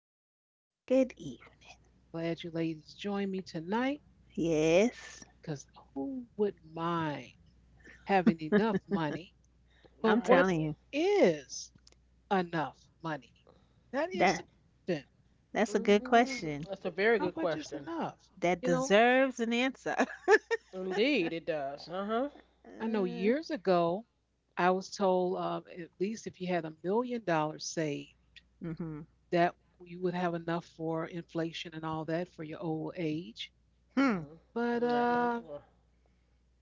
Good evening, good evening. Glad you ladies joined me tonight Yes, because who would mind having enough money? I'm But what right? telling you. is enough money? That is the question. That that's a good Mm, question. that's a How very good much is question. enough? You That know, deserves an answer. Indeed, it does. Uh huh. I know Uh, years ago, I was told at least if you had $1 million saved, mm-hmm. that you would have enough for inflation and all that for your old age. Hmm. hmm But Not no more.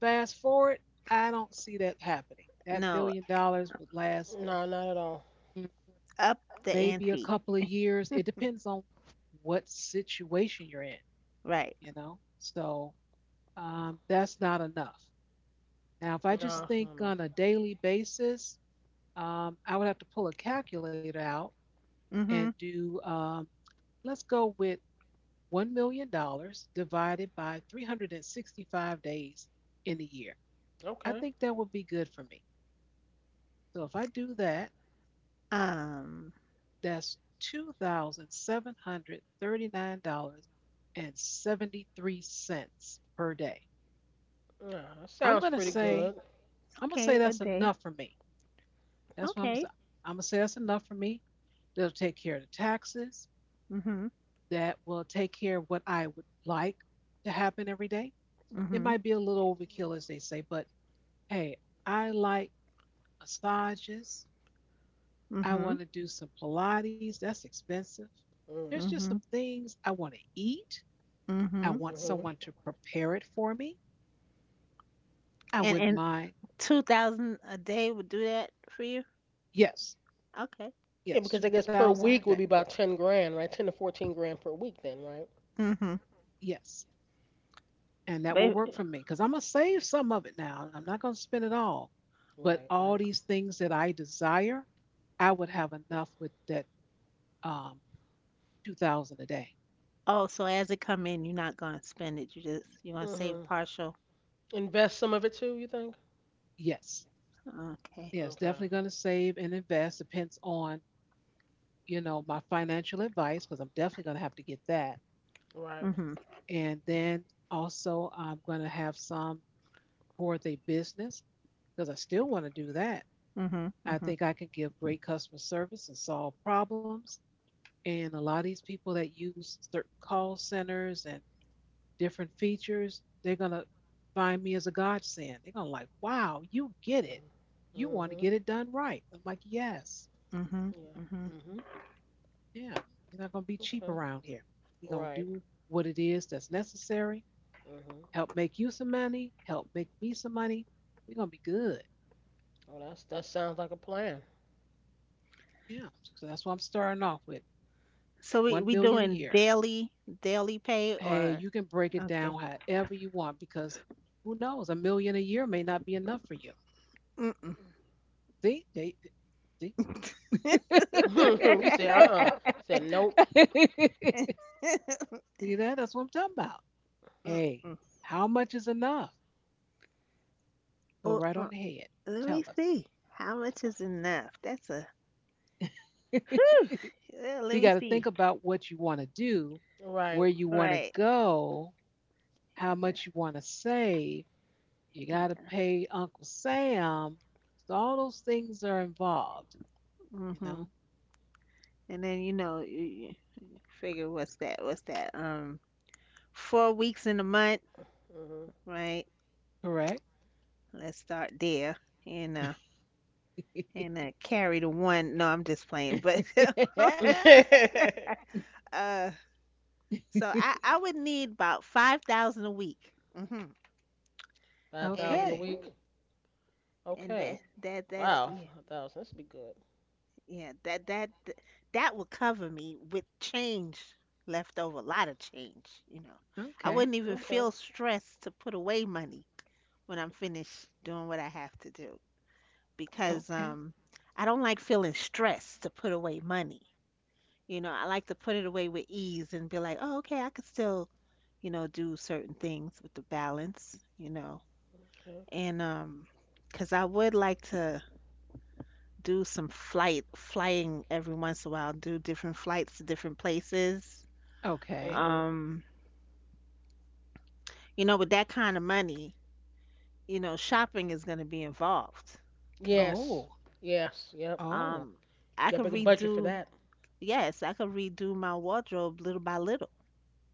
fast forward, I don't see that happening. That No, $1 million would last, No, not at all. mm, up the maybe a ante. couple of years. It depends on what situation you're in, Right. you know? So that's not enough. Now, if I No, just it's think not enough. on a daily basis, I would have to pull a calculator out and Mm-hmm. do, let's go with $1 million dollars divided by 365 days in a year. I Okay. think that would be good for me. So if I do that, Um, that's $2,739.73 per day. No, that I'm sounds going to pretty say, good. I'm going to say okay, a that's day. enough for me. That's what I'm going to Okay. say. I'm going to say that's enough for me. That'll take care of the taxes. Mm-hmm. That will take care of what I would like to happen every day. It Mm-hmm. might be a little overkill, as they say, but hey, I like massages. I Mm-hmm. want to do some Pilates. That's expensive. There's Mm, just some Mm-hmm. things I want to eat. I Mm-hmm. want someone hmm to prepare it for me. I And wouldn't and mind. 2,000 a day would do that for you? Yes, Okay. Yeah, yes, because I guess per 2,000 a week day. would be about 10 grand, right? 10 to 14 grand per week, then, right? Mm-hmm. Yes, and that will But work for me because I'm going to save some of it now. I'm not going to spend it all. But Right, all right. these things that I desire, I would have enough with that um, 2,000 a day. Oh, so as it come in, you're not gonna spend it. You just you're gonna save hmm partial. Invest some of it too, you think? Yes. Okay. Yes, Okay. definitely going to save and invest. Depends on, you know, my financial advice because I'm definitely going to have to get that. Right. Mhm. And then also, I'm going to have some towards a business because I still want to do that. Mhm. I Mhm. think I can give great customer service and solve problems. And a lot of these people that use certain call centers and different features, they're going to find me as a godsend. They're going to like, wow, you get it. You want to Mm-hmm. get it done right. I'm like, yes. Mhm. Yeah. Mhm. hmm Yeah, we're not going to be cheap Okay. around here. We're going to Right. do what it is that's necessary, Mhm. help make you some money, help make me some money. We're going to be good. Oh, that's that sounds like a plan. Yeah, so that's what I'm starting off with, So we 1 we million a doing year. daily pay Hey, or, you can break it okay. down however you want because who knows, a million a year may not be enough for you. Mm-mm. See, they, see, see you said uh-uh. Said nope. that? That's what I'm talking about. Hey, Mm-mm. how much is enough? Go Oh, right on ahead. let me Tell us. see. How much is enough? That's a whew. Yeah, So let you me got to see. think about what you want to do, where Right. you want to Right. go, how much you want to save. You got to pay Uncle Sam. So all those things are involved, you Mhm. know, And then you figure what's that? What's that? 4 weeks in a month, Mhm. right? correct? Let's start there and carry the one. No, I'm just playing, but Yeah. uh so I I would need about 5,000 a week. Hmm. 5,000 And a Okay. week. and Okay. that's, Wow. yeah. 5,000. This be good. Yeah, that will cover me with change left over, a lot of change. I Okay. wouldn't even Okay. feel stressed to put away money when I'm finished doing what I have to do. Okay. Because Okay. I don't like feeling stressed to put away money. You know, I like to put it away with ease and be like, "Oh, okay, I could still, do certain things with the balance." Okay. And because I would like to do some flight flying every once in a while, do different flights to different places. Okay. Mhm. Um, you know, with that kind of money, shopping is going to be involved. Okay. Yes. Oh. Yes. Yep. Oh. Um, You I got a could bigger budget for that. yes, I could redo my wardrobe little by little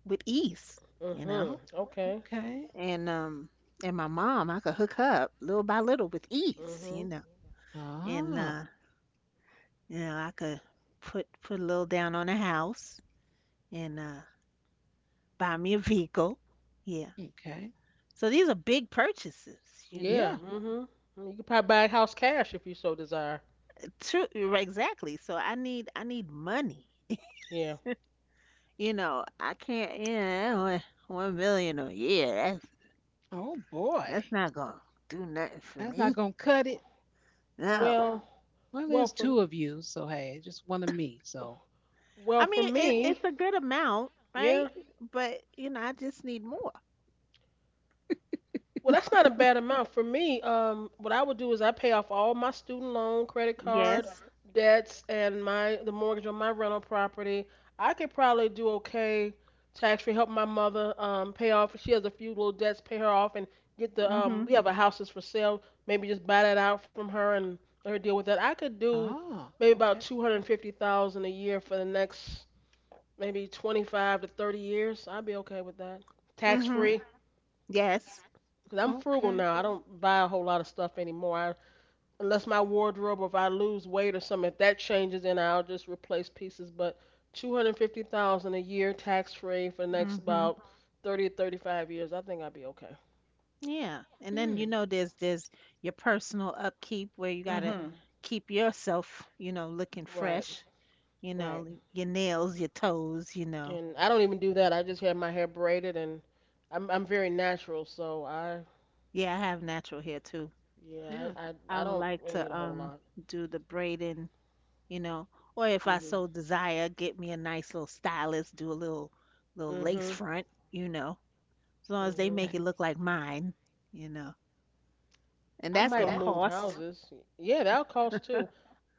with ease, you know. Mhm. Oh. Okay. Okay. And um, and my mom, I could hook her up little by little with ease, you Mhm. know. And Ah. You know, I could put a little down on a house and buy me a vehicle. Yeah. Okay. So these are big purchases, you know. Yeah. Yeah. Mhm. You could probably buy a house cash if you so desire. True, exactly. So I need money. Yeah. You know, I can't. Yeah, one million a year. Oh boy. That's not gonna do nothing for That's not me. gonna cut it. No. Well. Well, Well there's for two of you, so hey, just one of me. So, well I for mean, it, me. it's a good amount, Yeah. right? But I just need more. Well, that's not a bad amount. For me, what I would do is I pay off all my student loan, credit card Yes. debts, and my the mortgage on my rental property. I could probably do okay tax free, help my mother pay off. She has a few little debts, pay her off, and get the Mhm. we have a house that's for sale. Maybe just buy that out from her and let her deal with that. I could do oh, maybe about okay. 250,000 a year for the next maybe 25 to 30 years. I'd be okay with that, tax Mhm. free. Yes. Cause I'm frugal Okay. now. I don't buy a whole lot of stuff anymore. Unless my wardrobe, or if I lose weight or something, if that changes, then I'll just replace pieces. But $250,000 a year, tax free, for the next Mhm. about 30 to 35 years, I think I'll be okay. Yeah. And then, Hmm. There's your personal upkeep where you gotta Mm-hmm. keep yourself, looking Right, fresh. You right. know, your nails, your toes. You know. And I don't even do that. I just have my hair braided, and I'm very natural, so I Yeah, I have natural hair too. yeah, Yeah. I I would don't like really need to a whole lot. do the braiding, you know, or if I Mhm, so desire, get me a nice little stylist, do a little lace mhm, front, you know, as long as they mhm. make Okay. it look like mine, you know, and I that's gonna might Yeah. move cost. houses. Yeah, that'll cost too.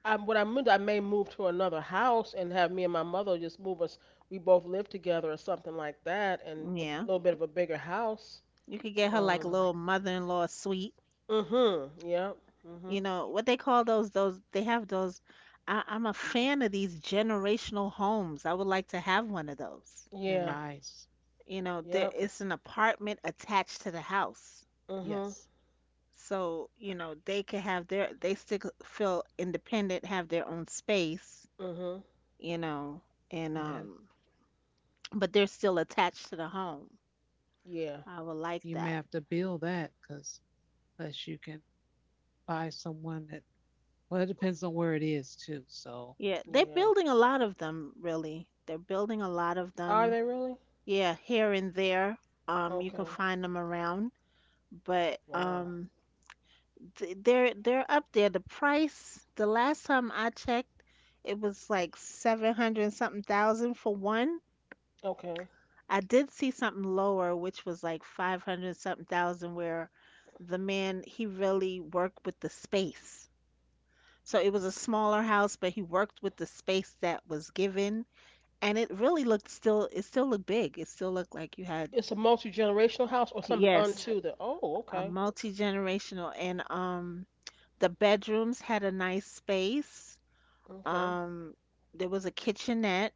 I what I'm I may move to another house and have me and my mother just move us. We both live together or something like that, and a Yeah, little bit of a bigger house. you could get her like a Um. little mother-in-law suite, Mm-hmm. Yep. Mm-hmm. you know, what they call those they have those. I'm a fan of these generational homes. I would like to have one of those. They're Yeah. nice. You know, there, Yep. it's an apartment attached to the house. Mm-hmm. Yes. So, you know, they could have their they still feel independent, have their own space, Mm-hmm. you know and Yeah. But they're still attached to the home. Yeah. I would like You may that. have to build that because unless you can buy someone that, well, it depends on where it is too. So, Yeah, they're Yeah. building a lot of them, really. They're building a lot of Are them, they really? yeah, here and there. You can Okay. find them around. but Wow. um th- they're they're up there. The price, the last time I checked, it was like 700 and something thousand for one. Okay. I did see something lower, which was like 500 something thousand, where the man, he really worked with the space. So it was a smaller house, but he worked with the space that was given, and it really looked, still, it still looked big. It still looked like you had, It's a multi-generational house or something yes, unto the. Oh. a Okay. multi-generational, and the bedrooms had a nice space. Okay. Um, there was a kitchenette.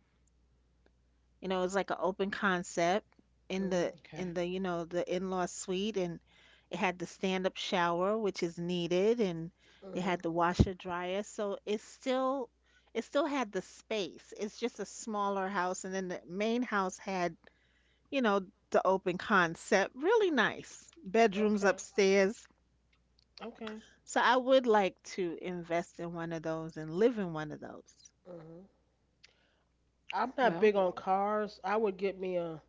You know, it was like an open concept in Mm-hmm. the okay. in the, you know, the in-law suite, and it had the stand-up shower, which is needed, and it Mm-hmm. had the washer dryer. So it still had the space. It's just a smaller house, and then the main house had, you know, the open concept. Really nice. Bedrooms Okay. upstairs. Okay. So I would like to invest in one of those and live in one of those. Mm-hmm. I'm not Well, big on cars. I would get me a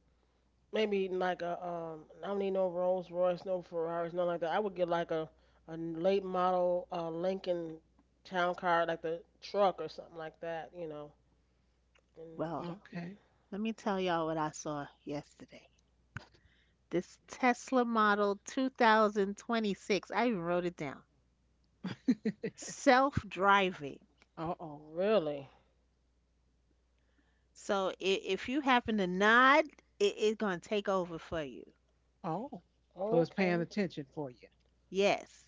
maybe like a I don't need no Rolls Royce, no Ferraris, nothing like that. I would get like a late model Lincoln town car, like the truck or something like that, you know. Well, And okay. let me tell y'all what I saw yesterday. This Tesla model 2026. I even wrote it down. Self-driving. Uh oh. really, So if you happen to nod, it's gonna take over for you. Oh. So it's paying okay. attention for you. Yes.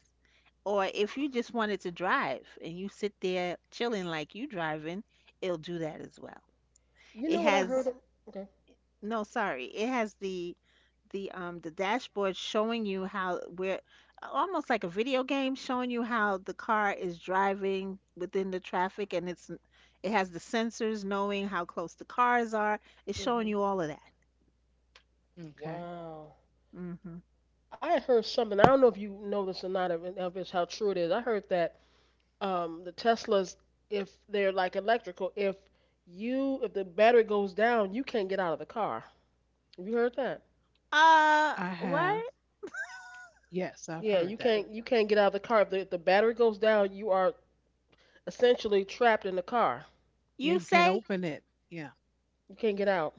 Or if you just wanted to drive and you sit there chilling like you driving, it'll do that as well. You It know what I heard? has— It? Okay. no, sorry. It has the dashboard showing you how, where, almost like a video game showing you how the car is driving within the traffic, and it has the sensors knowing how close the cars are. It's showing Mhm. you all of that. Okay. Wow. Hmm. I had heard something. I don't know if you know this or not, or if it's how true it is. I heard that the Teslas, if they're like electrical, if the battery goes down, you can't get out of the car. Have you heard that? I have. What? Yes, I've Yeah, heard that. You can't get out of the car. If the battery goes down, you are essentially trapped in the car. Yeah, You you can't say open it. Yeah. You can't get out.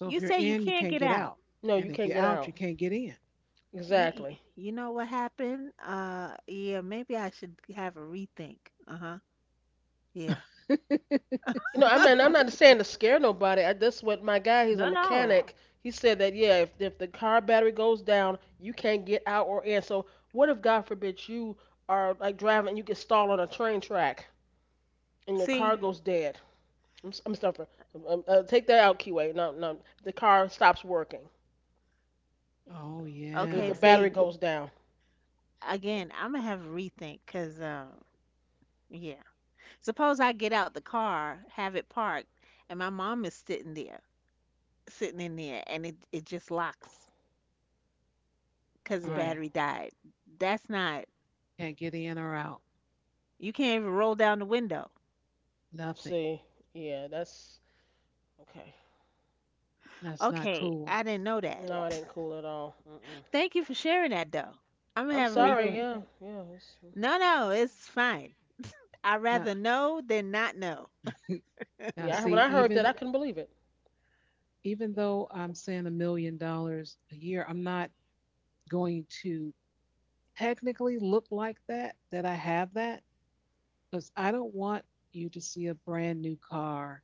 So if you you're say you in, you can't can't get get out. out. No, you And if can't you're get out, out. you can't get You you Exactly. you know what happened? Yeah, maybe I should have a rethink. Uh-huh. Yeah. in. No, I'm not saying to scare nobody. That's what my guy, he's a No, no. mechanic. He said that yeah, if the car battery goes down, you can't get out or in. So what if God forbid you are like driving and you get stalled on a train track and your See, car goes dead? I'm stumping. Take that out, Keyway. No, no, the car stops working. Oh If okay, the yeah. battery see. goes down. Again, I'm gonna have a rethink because, yeah. Suppose I get out the car, have it parked, and my mom is sitting there, sitting in there, and it just locks because the Yeah. Right. battery died. That's not— Can't get in or out. you can't even roll down the window. Nothing. See, yeah, that's okay. That's not Okay, cool. I didn't know No, that. yeah, it ain't cool at all. Mm-mm. Thank you for sharing that, though. I'm gonna I'm No, have a sorry. rethink. Yeah, yeah. No, no, it's fine. I'd Nah. rather know than not know. Now, Yeah, I, when see, I Yeah, heard that, even I couldn't believe it. even though I'm saying $1 million a year, I'm not going to technically look like that I have that because I don't want you to see a brand new car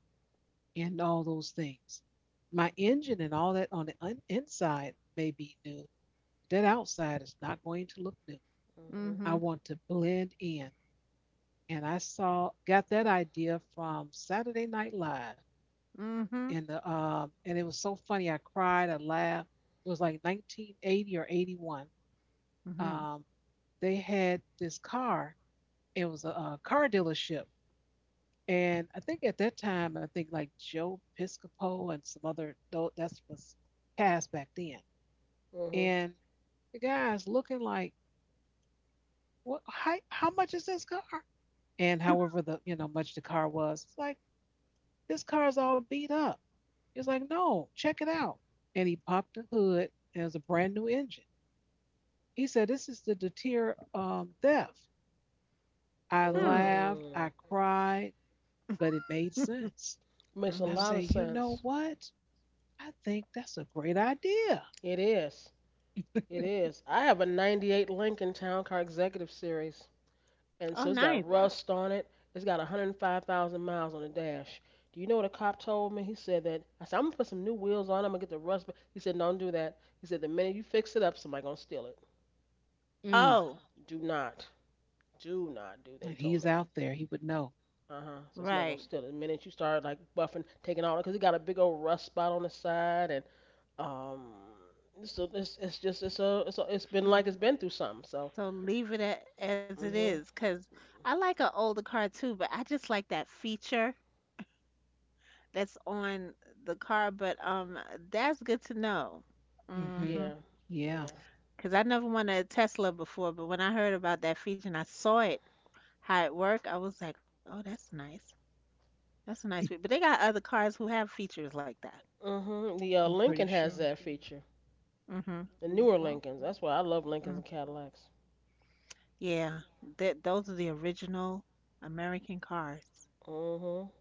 and all those things. My engine and all that on the un- inside may be new. That outside is not going to look new. Mhm. I Mm-hmm. want to blend in, and I saw got that idea from Saturday Night Live, Mm-hmm. and the and it was so funny. I cried, I laughed. It was like 1980 or 81. Mm-hmm. Um, they had this car. It was a car dealership, and I think at that time, I think like Joe Piscopo and some other tho- that's was cast back then. Mhm. And the guy's looking like, what? How much is this car? And however the you know much the car was, it's like this car's all beat up. He's like, no, check it out. And he popped the hood and it was a brand new engine. He said, this is the deter theft. I Mm. Hmm. laughed, I Mm. cried, but it made sense. Makes a And I Mm-hmm. lot say, of you know sense. what? I think that's a great idea. It is. It is. I have a '98 Lincoln Town Car Executive Series, and so Oh, it's got, okay, nice. rust on it. It's got 105,000 miles on the dash. Do you know what a cop told me? He said that I said I'm gonna put some new wheels on. I'm gonna get the rust. Ba-" He said, "Don't do that." He said, "The minute you fix it up, somebody gonna steal it. Mm. Oh, Do not." Do not do. They And told he's me. out there. He would know. Uh huh. So somebody gonna right. steal it. The minute you start like buffing, taking all, because he got a big old rust spot on the side, and um, so it's just it's a it's a, it's been So like it's been through something. So So leave it as it mhm. is, because I like an older car too, but I just like that feature that's on the car. But that's good to know. Hmm. Mm-hmm. Yeah. Yeah. Yeah. Because I never wanted a Tesla before, but when I heard about that feature and I saw it how it worked, I was like, oh, that's nice. That's a nice feature. But they got other cars who have features like that. Mhm. The I'm pretty Lincoln sure. has that feature. Mm-hmm. The newer Oh, Lincolns. That's why I love Lincolns Mm. and Cadillacs. Yeah, that those are the original American cars. Mhm.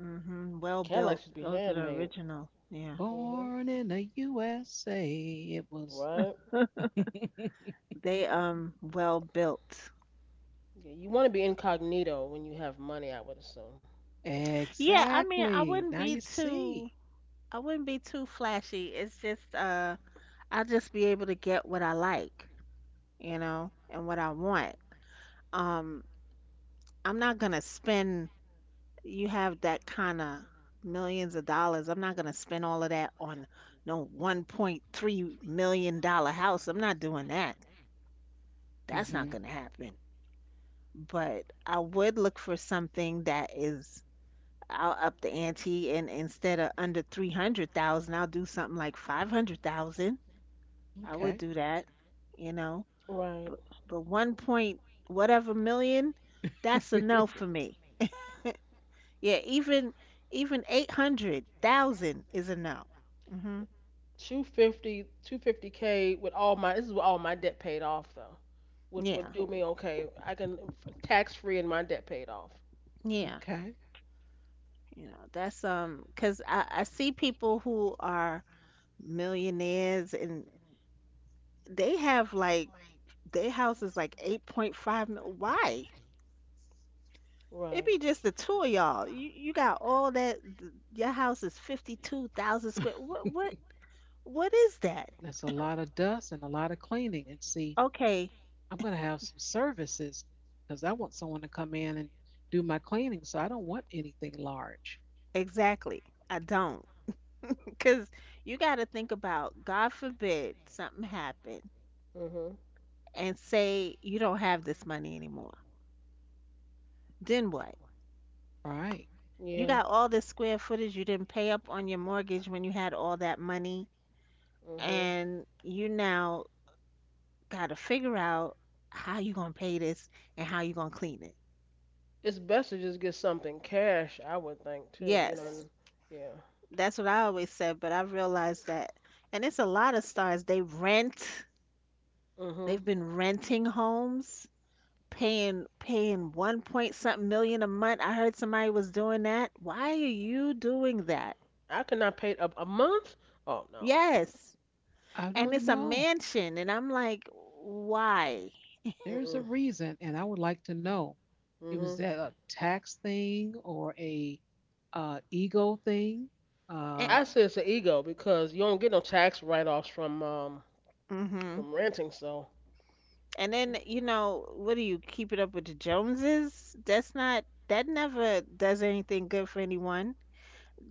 Mm-hmm. Well built. Cadillacs should be Those are the handmade. original. Yeah. Mhm. born in the USA. It was Right. They well built. Yeah, you want to be incognito when you have money, I would assume. Yeah, I mean, I exactly. wouldn't Now be you see. too I wouldn't be too flashy. It's just I'll just be able to get what I like, you know, and what I want. Um I'm not gonna spend— you have that kind of millions of dollars. I'm not gonna spend all of that on no $1.3 million house. I'm not doing that. That's not Hmm. gonna happen. But I would look for something that is— I'll up the ante, and instead of under 300,000, I'll do something like 500,000. I would Okay. do that, you know. Right. But but one point whatever million, that's a no for me. Yeah, even 800,000 is a no. Hmm. 250, 250 k with all my this is with all my debt paid off though would Yeah. do me okay I can tax free and my debt paid off Yeah. Okay. You know, that's because I see people who are millionaires and they have like their house is like 8.5 mil. Why? It right be just the two of y'all. You got all that. Your house is 52,000 square. What is that? That's a lot of dust and a lot of cleaning. And see, Okay, I'm going to have some services because I want someone to come in and do my cleaning. So I don't want anything large. exactly. I don't because you got to think about, God forbid something happened, mhm and say you don't have this money anymore. Then what? All right. You yeah got all this square footage, you didn't pay up on your mortgage when you had all that money, mhm and you now got to figure out how you gonna pay this and how you gonna clean it. it's best to just get something cash I would think too you know Yes. and, yeah That's what I always said, but I've realized that, and it's a lot of stars. They rent. mhm They've been renting homes, paying one point something million a month. I heard somebody was doing that. Why are you doing that? I could not pay a month oh no Yes, I mm and don't it's mm a know. mansion, and I'm like, why? mm There's a mm. reason. And I would like to know. It was mhm that a tax thing or a ego thing. And, Uh, I say it's an ego because you don't get no tax write offs hmm from renting so and then you know, what, do you keep it up with the Joneses? That's not. That never does anything good for anyone.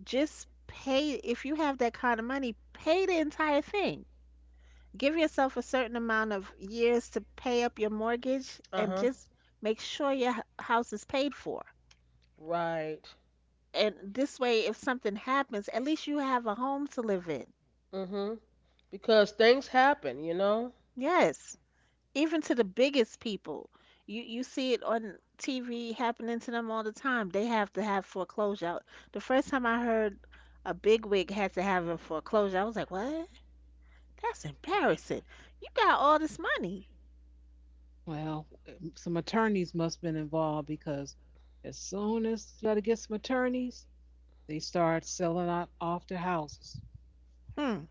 Just pay. If you have that kind of money, pay the entire thing. Give yourself a certain amount of years to pay up your mortgage, and uh-huh just make sure your house is paid for, right and this way, if something happens, at least you have a home to live in. mhm because things happen, you know. Yes, even to the biggest people. You see it on TV happening to them all the time. They have to have foreclosure. The first time I heard a bigwig had to have a foreclosure, I was like, what? That's embarrassing. You got all this money. well, some attorneys must have been involved because as soon as they get some attorneys, they start selling out off their houses. Hmm,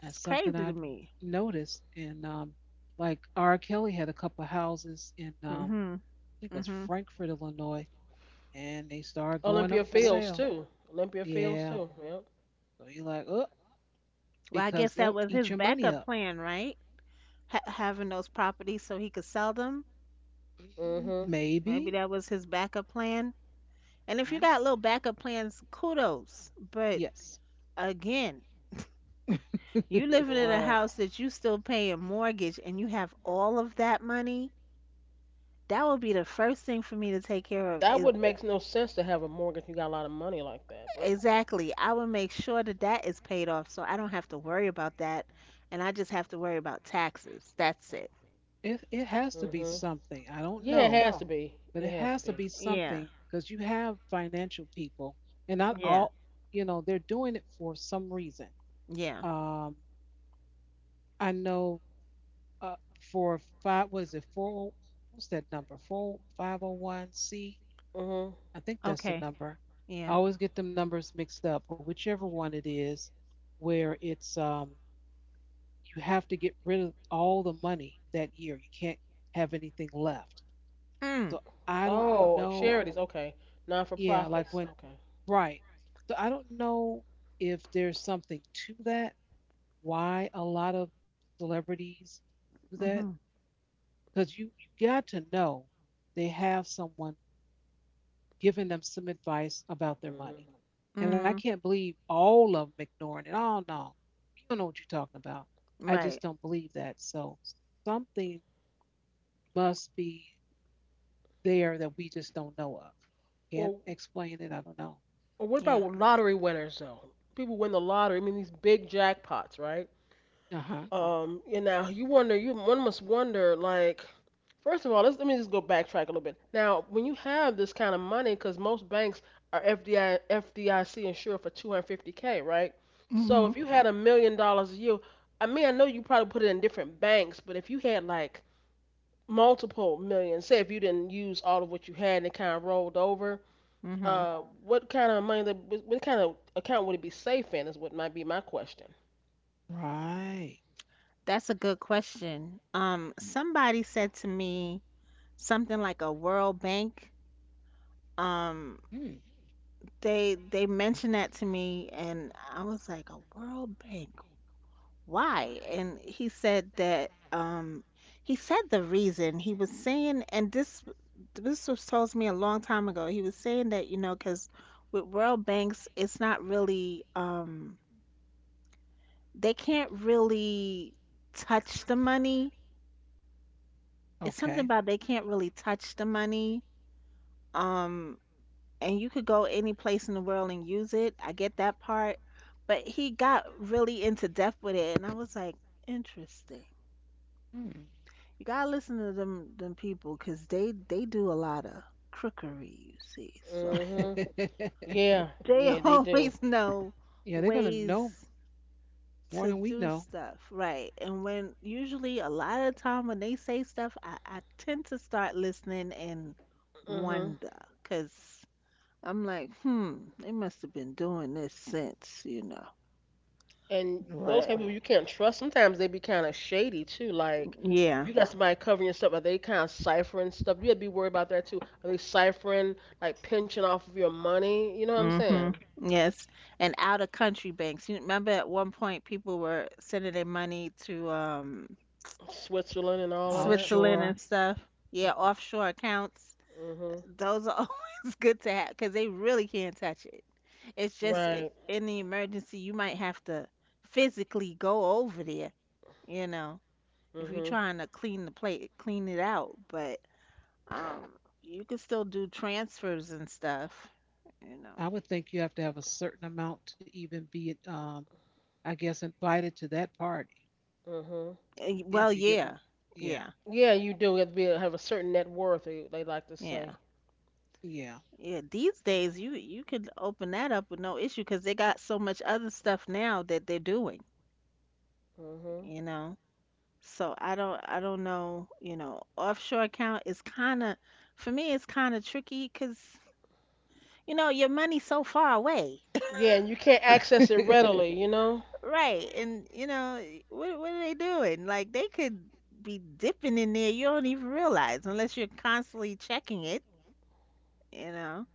That's something crazy to I've me. noticed. And like R. Kelly had a couple of houses in, Mhm. I think it was Mhm. Frankfort, Illinois, and they started going Olympia up for Fields sale. sure too. Olympia Fields Yeah. too. Yep. So you're like, oh, Well, I because guess that that was eat his your money backup up. plan, right? Having those properties so he could sell them. Mm, Mhm. Maybe maybe. that was his backup plan. And if you I, got little backup plans, kudos. But yes. again, you living in a Right. house that you still paying mortgage and you have all of that money, that would be the first thing for me to take care of That is— would make no sense to have a mortgage. If you got a lot of money like that, but exactly. I will make sure that that is paid off so I don't have to worry about that, and I just have to worry about taxes. That's it. It has to be mhm. something. I don't Yeah, Oh it know, has no. to be. but it It has to has to be. be Yeah. something because you have financial people, and not Yeah. all, you know, they're doing it for some reason. Yeah. Um, I know for five, what is it, four, what's that number? Four, five, o, Mhm. I think that's the Okay. number. I Yeah. always get them numbers mixed up, but whichever one it is, where it's you have to get rid of all the money that year. You can't have anything left. Mm. So I don't Oh, Oh, know. charities. No. Okay. Non for Yeah, like profits. when, Okay. right. So I don't know if there's something to that, why a lot of celebrities do that. Mhm. Because you got to know they have someone giving them some advice about their Mhm. money. And I Mhm. can't believe all of them ignoring it. Oh, no, you don't know what you're talking about. I just Right. don't believe that. So something must be there that we just don't know of. Can't Or, explain it. I don't know. or what about Yeah. lottery winners though? People win the lottery. I mean these big jackpots, right? Uh huh. You know, you wonder, you one must wonder, like, first of all, let me just go backtrack a little bit. Now, when you have this kind of money, because most banks are FDI, FDIC insured for 250K, right? So Mhm. if you had $1 million a year, I mean, I know you probably put it in different banks, but if you had like multiple millions, say if you didn't use all of what you had and it kind of rolled over, Mhm. What kind of money, that, what kind of account would it be safe in is what might be my question. Right. That's a good question. Somebody said to me something like a World Bank. Um Hmm. they mentioned that to me and I was like, "A World Bank. Why?" And he said that he said the reason he was saying, and this was told me a long time ago. He was saying that, you know, because with world banks, it's not really they can't really touch the money. It's something Okay. about they can't really touch the money. Um and you could go any place in the world and use it. I get that part. But he got really into depth with it and I was like, interesting. Hmm. You gotta listen to them people, cause they do a lot of crookery, you see. So Hmm Yeah, they yeah, they do. always know Yeah, they're going to know ways more to than we do know. stuff, right? And when usually a lot of the time when they say stuff, I tend to start listening and Hmm wonder, because 'cause I'm like, hmm, they must have been doing this since, you know. And those Right. But kind of people you can't trust. Sometimes they be kind of shady too. Like if yeah. you got somebody covering your stuff, are they kind of ciphering stuff? You gotta be worried about that too. Are they ciphering like pinching off of your money? You know what I'm Hmm. saying? Yes. And out of country banks. You remember at one point people were sending their money to Switzerland and all of that. Switzerland and Offshore. stuff. Yeah, Mm-hmm. offshore accounts. Hmm Those are always good to have because they really can't touch it. It's just Right. in the emergency, you might have to physically go over there, you know, if you're hmm trying to clean the plate, clean it out. But um, you can still do transfers and stuff, you know. I would think you have to have a certain amount to even be, I guess, invited to that party. hmm Well, If you get one, yeah, yeah, yeah, Yeah, you do have to be have a certain net worth. They like to say. yeah. yeah, Yeah, these days you could open that up with no issue because they got so much other stuff now that they're doing, Hmm you know. So I don't know, you know, offshore account is kind of for me it's kind of tricky because you know your money's so far away, Yeah, and you can't access it readily. You know. right? And you know what are they doing? Like they could be dipping in there you don't even realize unless you're constantly checking it, you know.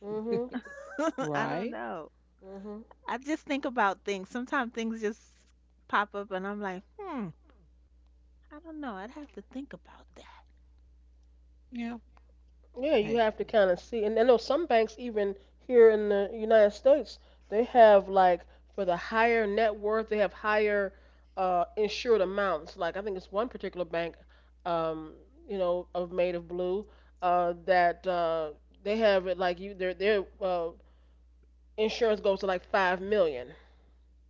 Hmm I don't right, know. hmm I just think about things. Sometimes things just pop up and I'm like, hmm, I don't know. I'd have to think about that. yeah. Yeah, you have Hey, to kind of see. And I know some banks, even here in the United States, they have like for the higher net worth, they have higher insured amounts. Like I think it's one particular bank, um, you know, of Made of Blue, that they have it like you their insurance goes to like 5 million.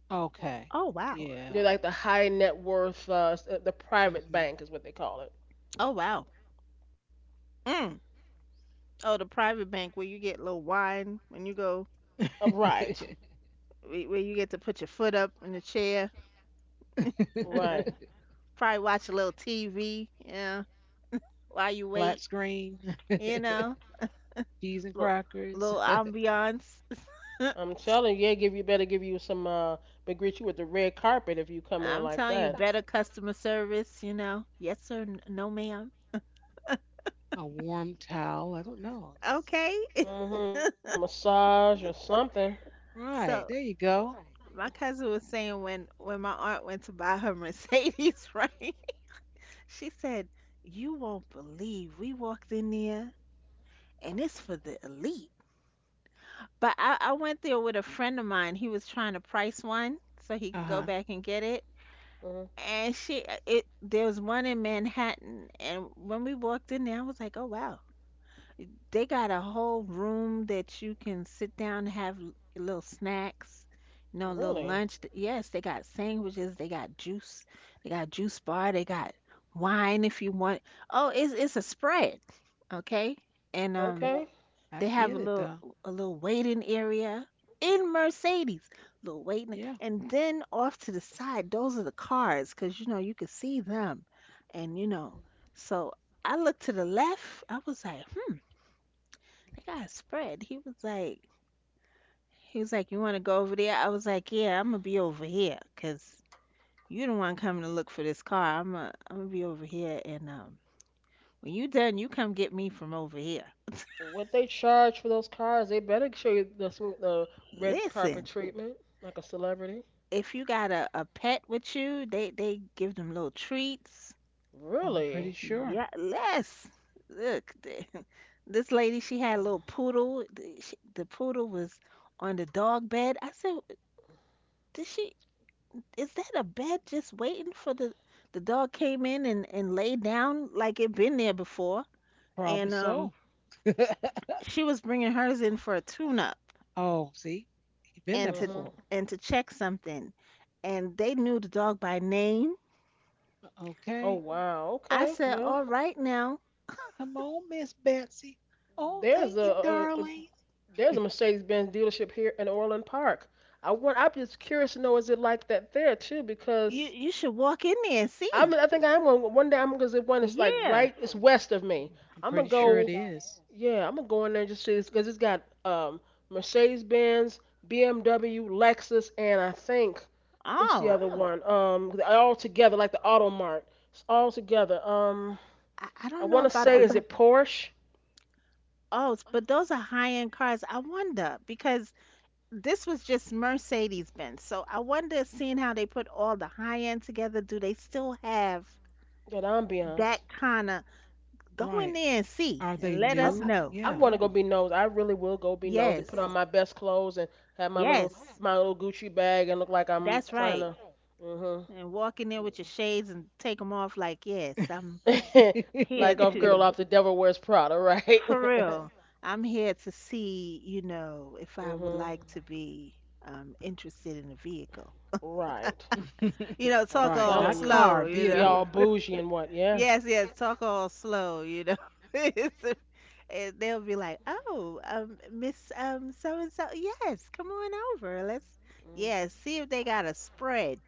okay, Oh, wow. yeah. They're like the high net worth, the private Hmm. bank is what they call it. Oh, wow. Mm. Oh, the private bank where you get little wine when you go, Right, where you get to put your foot up in the chair, right. probably watch a little TV, yeah, while you Flat wait, screen, you know, cheese and little, crackers, little ambiance. I'm telling you, yeah, give you some but greet you with the red carpet if you coming in I'm like telling you, that. better customer service, you know. Yes, sir, no, ma'am. a warm towel. I don't know. Just- Okay. Mm-hmm. Massage or something. right there, So, you go. my cousin was saying when my aunt went to buy her Mercedes, right? She said, "You won't believe we walked in there, and it's for the elite." But I went there with a friend of mine. He was trying to price one so he Uh could go huh. back and get it. Hmm And she, it there was one in Manhattan, and when we walked in there, I was like, "Oh wow, they got a whole room that you can sit down and have little snacks, you know, little lunch. Really? Yes, they got sandwiches, they got juice bar, they got wine if you want. Oh, it's a spread, okay? And Okay. I they have get a it little though. Waiting area in Mercedes, little waiting, Yeah, and then off to the side, those are the cars, 'cause you know you could see them, and you know, so. I looked to the left. I was like, they got spread. He was like, you want to go over there? I was like, yeah, I'm gonna be over here, cause you don't want coming to look for this car. I'm gonna be over here, and when you done, you come get me from over here. What they charge for those cars, they better show you the, the red carpet Listen, treatment like a celebrity. if you got a pet with you, they give them little treats. I'm pretty Really? sure. Yeah, less. Look, this lady, she had a little poodle. The poodle was on the dog bed. I said, did she? Is that a bed just waiting for the dog came in and laid down like it been there before, Probably and so. she was bringing hers in for a tune up Oh, see, you've been there and to Hmm before. Check something, and they knew the dog by name. Oh Okay. wow. I Okay. said, Well, all right now. Come on, Miss Betsy. Oh, there's thank you, a darling. there's a Mercedes-Benz dealership here in Orland Park. I want. I'm just curious to know is it like that there too? you Because you should walk in there and see. I think I'm gonna one day I'm gonna zip one. It's like Yeah. right, it's west of me. I'm I'm pretty gonna It sure it go. Sure is. is. Yeah, I'm gonna go in there and just see this because it's got Mercedes Benz, BMW, Lexus, and I think what's the Oh, other, wow, one? They're all together like the Auto Mart. It's all together. I I don't know want to about say the is Something. It Porsche? oh, but those are high end cars. I wonder because this was just Mercedes Benz. So I wonder, seeing how they put all the high end together, do they still have Yeah, the ambiance. that kind of go in Right. there and see Are and they let I'm us I- new? know? I'm Yeah. gonna go be nosy. I really will go be nosy. Put on Yes, my best clothes and have yes, my little Gucci bag and look like I'm that's trying right. to. Hmm And walk in there with your shades and take them off, like, yes, I'm here like off girl to, off the devil wears Prada, right? for real, I'm here to see, you know, if I would hmm like to be interested in a vehicle. Right. You know, I'm talk right. all telling Not you. car, slow, you Be know. all vehicle. bougie and what, yeah. Yes, yes, talk all slow, you know. It's, and they'll be like, "Oh, Miss so and so, yes, come on over. Let's Mm. yes, see if they got a spread."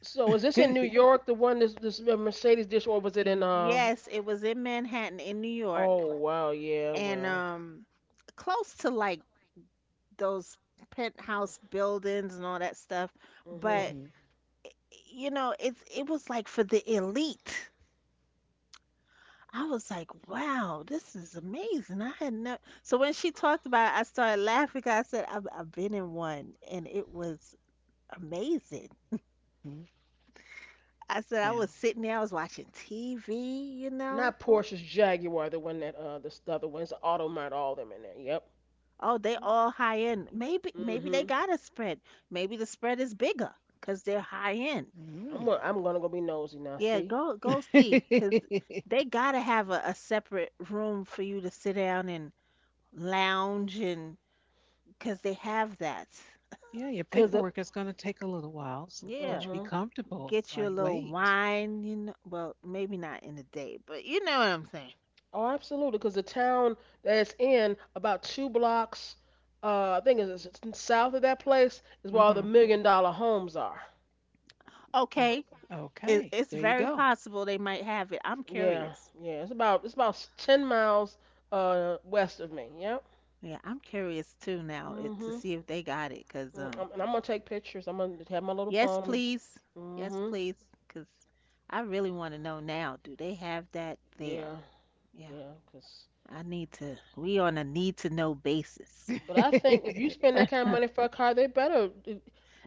So is this in New York, the one this this Mercedes dish, or was it in Yes, it was in Manhattan in New York, oh wow, yeah, and well. Close to like those penthouse buildings and all that stuff, Hmm. but Mhm, you know, it was like for the elite. I was like, "Wow, this is amazing." I had never. So when she talked about it, I started laughing 'cause I said, "I've been in one, and it was amazing." mhm, I said, "I yeah. was sitting there, I was watching TV, you know? Not Porsche's Jaguar, the one that the stuff, the other one. It's Automart, all them in there. Yep. Oh, they all high end. Maybe maybe they Hmm. got a spread. Maybe the spread is bigger because 'cause they're high end." I'm Mm. gonna I'm gonna go be nosy now, Yeah, see? go go see because they gotta have a separate room for you to sit down and lounge, and because they have that. yeah, your Cause it paperwork is going to take a little while. So, Yeah. once you be hmm. comfortable Get you while a you little wait. wine, you know. Well, maybe not in the day, but you know what I'm saying. Oh, absolutely, because the town that it's in about two blocks, I think it's south of that place, is where all the Hmm. $1 million homes are. Well, Okay. It, okay. it's There you very go. possible they might have it. I'm Yeah, curious. yeah, it's about 10 miles west of me. Yep. Yeah, I'm curious too now, it, to Mhm. see if they got it. Cause And I'm gonna take pictures. I'm gonna have my little yes, phone. I'm just. please, yes, Mhm. please. Cause I really want to know now. Do they have that there? Yeah, Yeah, yeah. Cause, I need to. We on a need to know basis. but I think if you spend that kind of money for a car, they better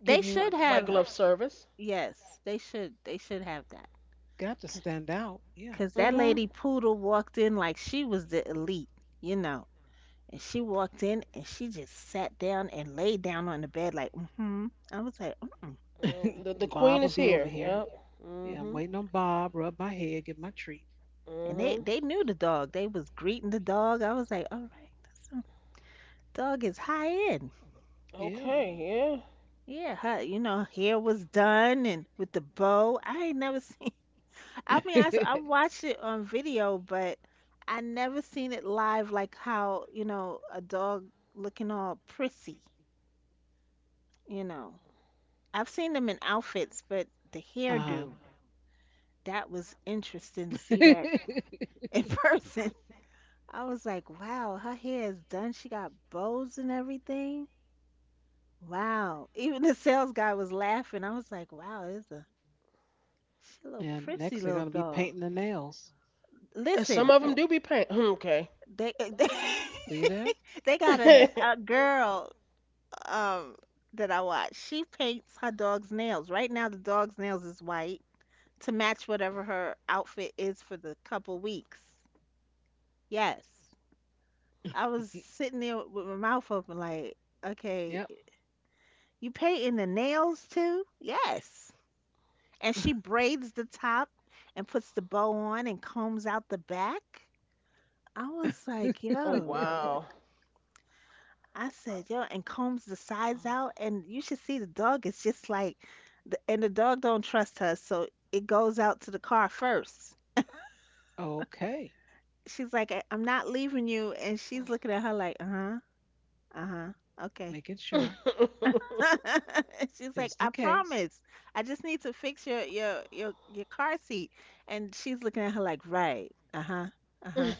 give They you should white have. glove service. Yes, they should. They should have that. got to stand out. Yeah. Cause that Mhm. lady Poodle walked in like she was the elite, you know. And she walked in and she just sat down and laid down on the bed like, mm-hmm. I was like, mm-mm. Mm, the queen Bob will is be over here. here. Yep. Yeah, I'm Mhm. waiting on Bob. Rub my head, get my treat. And they Hmm. they knew the dog. They was greeting the dog. I was like, all right, this dog is high end. Yeah. Okay, yeah. Yeah, her, you know, hair was done and with the bow. I ain't never seen. I mean, I watched it on video, but I never seen it live like how, you know, a dog looking all prissy, you know. I've seen them in outfits, but the uh-huh. hairdo, that was interesting to see that in person. I was like, wow, her hair is done. She got bows and everything. Wow. Even the sales guy was laughing. I was like, wow, this a she a little and prissy next they're little gonna be dog. painting the nails. And some Listen, of them do be paying. Okay. they See there? they got a girl um that I watch. She paints her dog's nails. Right now the dog's nails is white to match whatever her outfit is for the couple weeks. Yes. I was sitting there with my mouth open, like, okay, Yep. you painting the nails too? Yes. And she braids the top and puts the bow on and combs out the back. I was like, oh yo. wow. I said, yo, and combs the sides out. And you should see the dog. It's just like, the, and the dog don't trust her. So it goes out to the car first. okay. She's like, I'm not leaving you. And she's looking at her like, uh huh, okay. Making sure, She's like, just I in case. promise. I just need to fix your car seat. And she's looking at her like, right, uh-huh, uh-huh.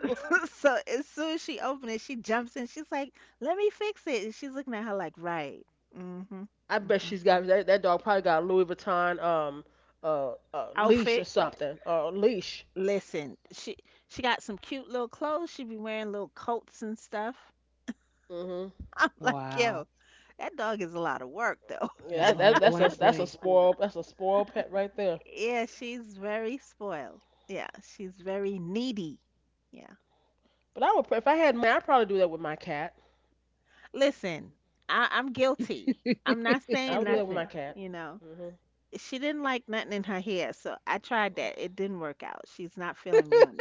So as soon as she opens it, she jumps in. She's like, let me fix it. And she's looking at her like, right, mm-hmm, I bet mm-hmm. she's got that. That dog probably got a Louis Vuitton leash or Outfit. something or a leash. Listen, she got some cute little clothes. She be wearing little coats and stuff. Hmm. I'm like, yo, Wow. that dog is a lot of work though. Got Yeah, a lot of bling bling. That's a spoil pet right there. Yeah, she's very spoiled. Yeah, she's very needy. Yeah. But I would if I had money, I'd probably do that with my cat. Listen, I'm guilty. I'm not I would saying do that with my nothing, cat. you know. Hmm. She didn't like nothing in her hair, so I tried that. It didn't work out. She's not so feeling me on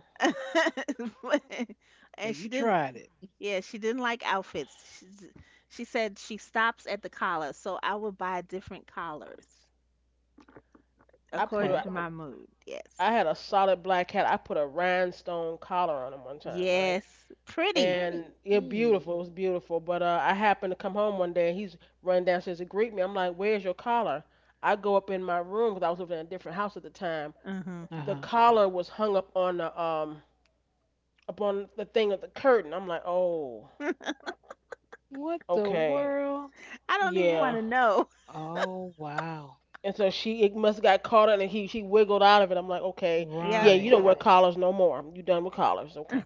that. But and she you didn't, tried it. yeah, she didn't like outfits. She said she stops at the collar, so I would buy different collars I put according her. Okay. to my mood. Yes. I had a solid black cat. I put a rhinestone collar on him one time, right? Yes. Pretty. And yeah, Mm. beautiful. It was beautiful. But I happened to come home one day and he's running downstairs to greet me. I'm like, "Where's your collar?" I go up in my room because I was living in a different house at the time. hmm Uh The huh. collar was hung up on the thing of the curtain. I'm like, "Oh, What the okay, world? I don't even want yeah." to know. Oh wow. And so she it must have got caught in it. He she wiggled out of it. I'm like, "Okay, yeah, Yep. you Right. don't wear collars no more. You done with collars, okay?"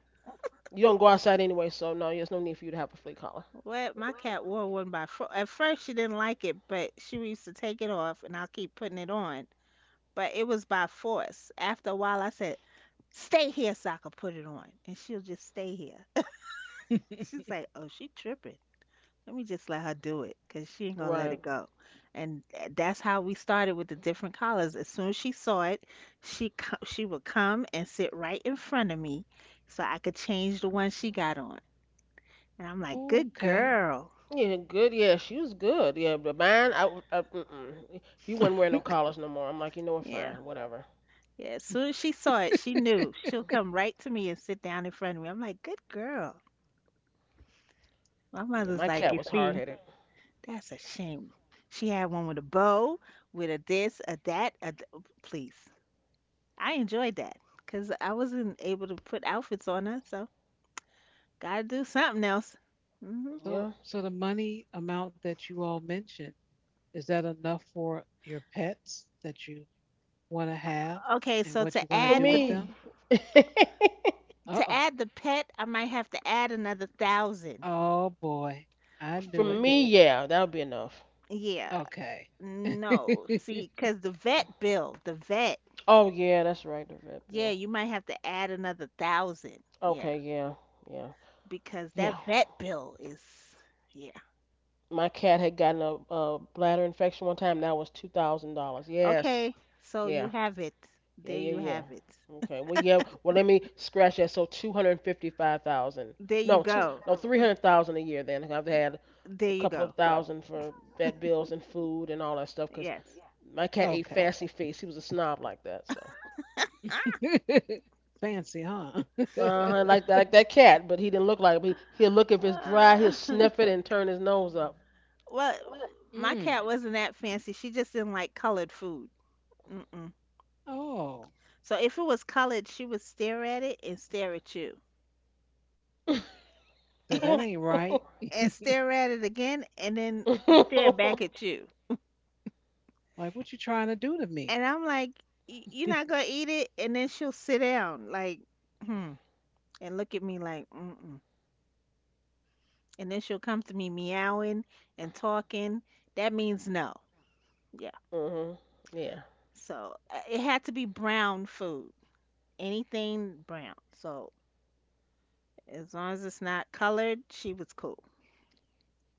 You don't go outside anyway, so no, there's no need for you to have a flea collar. What my cat wore one by fo At first, she didn't like it, but she used to take it off, and I'll keep putting it on. But it was by force. After a while, I said, "Stay here so I can put it on," and she'll just stay here. She's like, "Oh, she tripping. Let me just let her do it, 'cause she ain't gonna let Right. it go." And that's how we started with the different collars. As soon as she saw it, she would come and sit right in front of me, so I could change the one she got on. And I'm like, Oh, "Good okay. girl, Yeah, good. Yeah, she was good. Yeah, but mine, mm-mm. He wasn't wearing no collars no more. I'm like, you know what? yeah." Fine, whatever. Yeah, as soon as she saw it, she knew. She'll come right to me and sit down in front of me. I'm like, good girl. My Yeah, my mother's like, cat you was hard see, headed. that's a shame. She had one with a bow, with a this, a that, please. I enjoyed that because I wasn't able to put outfits on her, so gotta do something else. hmm So, Yeah. so the money amount that you all mentioned, is that enough for your pets that you want to have Okay, and so what you want to For do with them? me, to Uh-oh. add the pet, I might have to add another 1,000. Oh boy. I for knew it. me, yeah, that would be enough. Yeah, Okay. no, see, because the vet bill, the vet. Oh yeah, that's right, the vet Yeah, bill. you might have to add another 1,000. Yeah, Okay, yeah, yeah, because that yeah. vet bill is, yeah. My cat had gotten a bladder infection one time. That was $2,000. Yes, Okay, so you yeah. have it. Yeah, There yeah, you have it. yeah. Okay. Well, yeah. Well, let me scratch that. So 255,000. There you No, two. go. No, 300,000 a year. Then I've had There a you couple of go. thousand for vet bills and food and all that stuff. Cause Yes. my cat ate Okay. fancy feast. He was a snob like that. So. Fancy, huh? Uh huh. Like that. Like that cat. But he didn't look like. Him. He, will look if it's dry. He'll Uh, sniff it and turn his nose up. well, my Mm. cat wasn't that fancy. She just didn't like colored food. Mm-mm. Oh, So if it was colored, she would stare at it and stare at you said that ain't right. and stare at it again and then stare back at you. Like, what you trying to do to me? And I'm like, You're not gonna eat it?" And then she'll sit down, like, hmm, and look at me like, mm-mm. And then she'll come to me meowing and talking. That means no. Yeah. Mhm. Yeah. So it had to be brown food, anything brown. So as long as it's not colored, she was cool.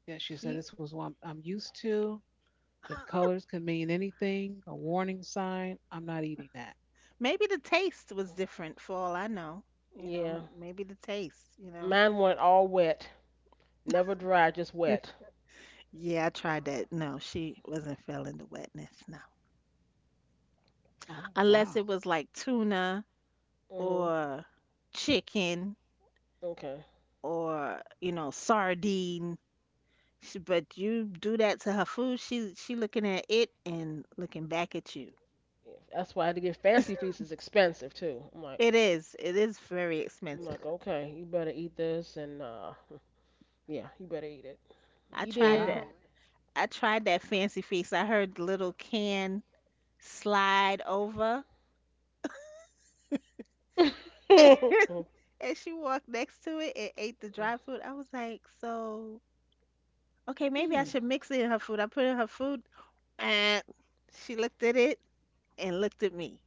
Yeah, she said, He. this was what I'm used to. The colors could mean anything, a warning sign. I'm not eating that. Maybe the taste was different for all I know. You know, Yeah. Maybe the taste. Mine went all wet. Never dry. Just wet. Yeah, I tried that. No, she wasn't feeling the wetness. No. Oh, Unless wow. it was like tuna Mhm. or chicken Okay. or sardine. But you do that to her food, she looking at it and looking back at you. Yeah, that's why I had to get Fancy Feast is expensive too. It is very I'm expensive. like, okay, you better eat this and yeah, you better eat it. i He tried did. that Wow. i tried that Fancy Feast. I heard the little can slide over. Okay. And she walked next to it and ate the dry food. I was like, so okay, maybe I Hmm. should mix it in her food. I put it in her food, and she looked at it and looked at me.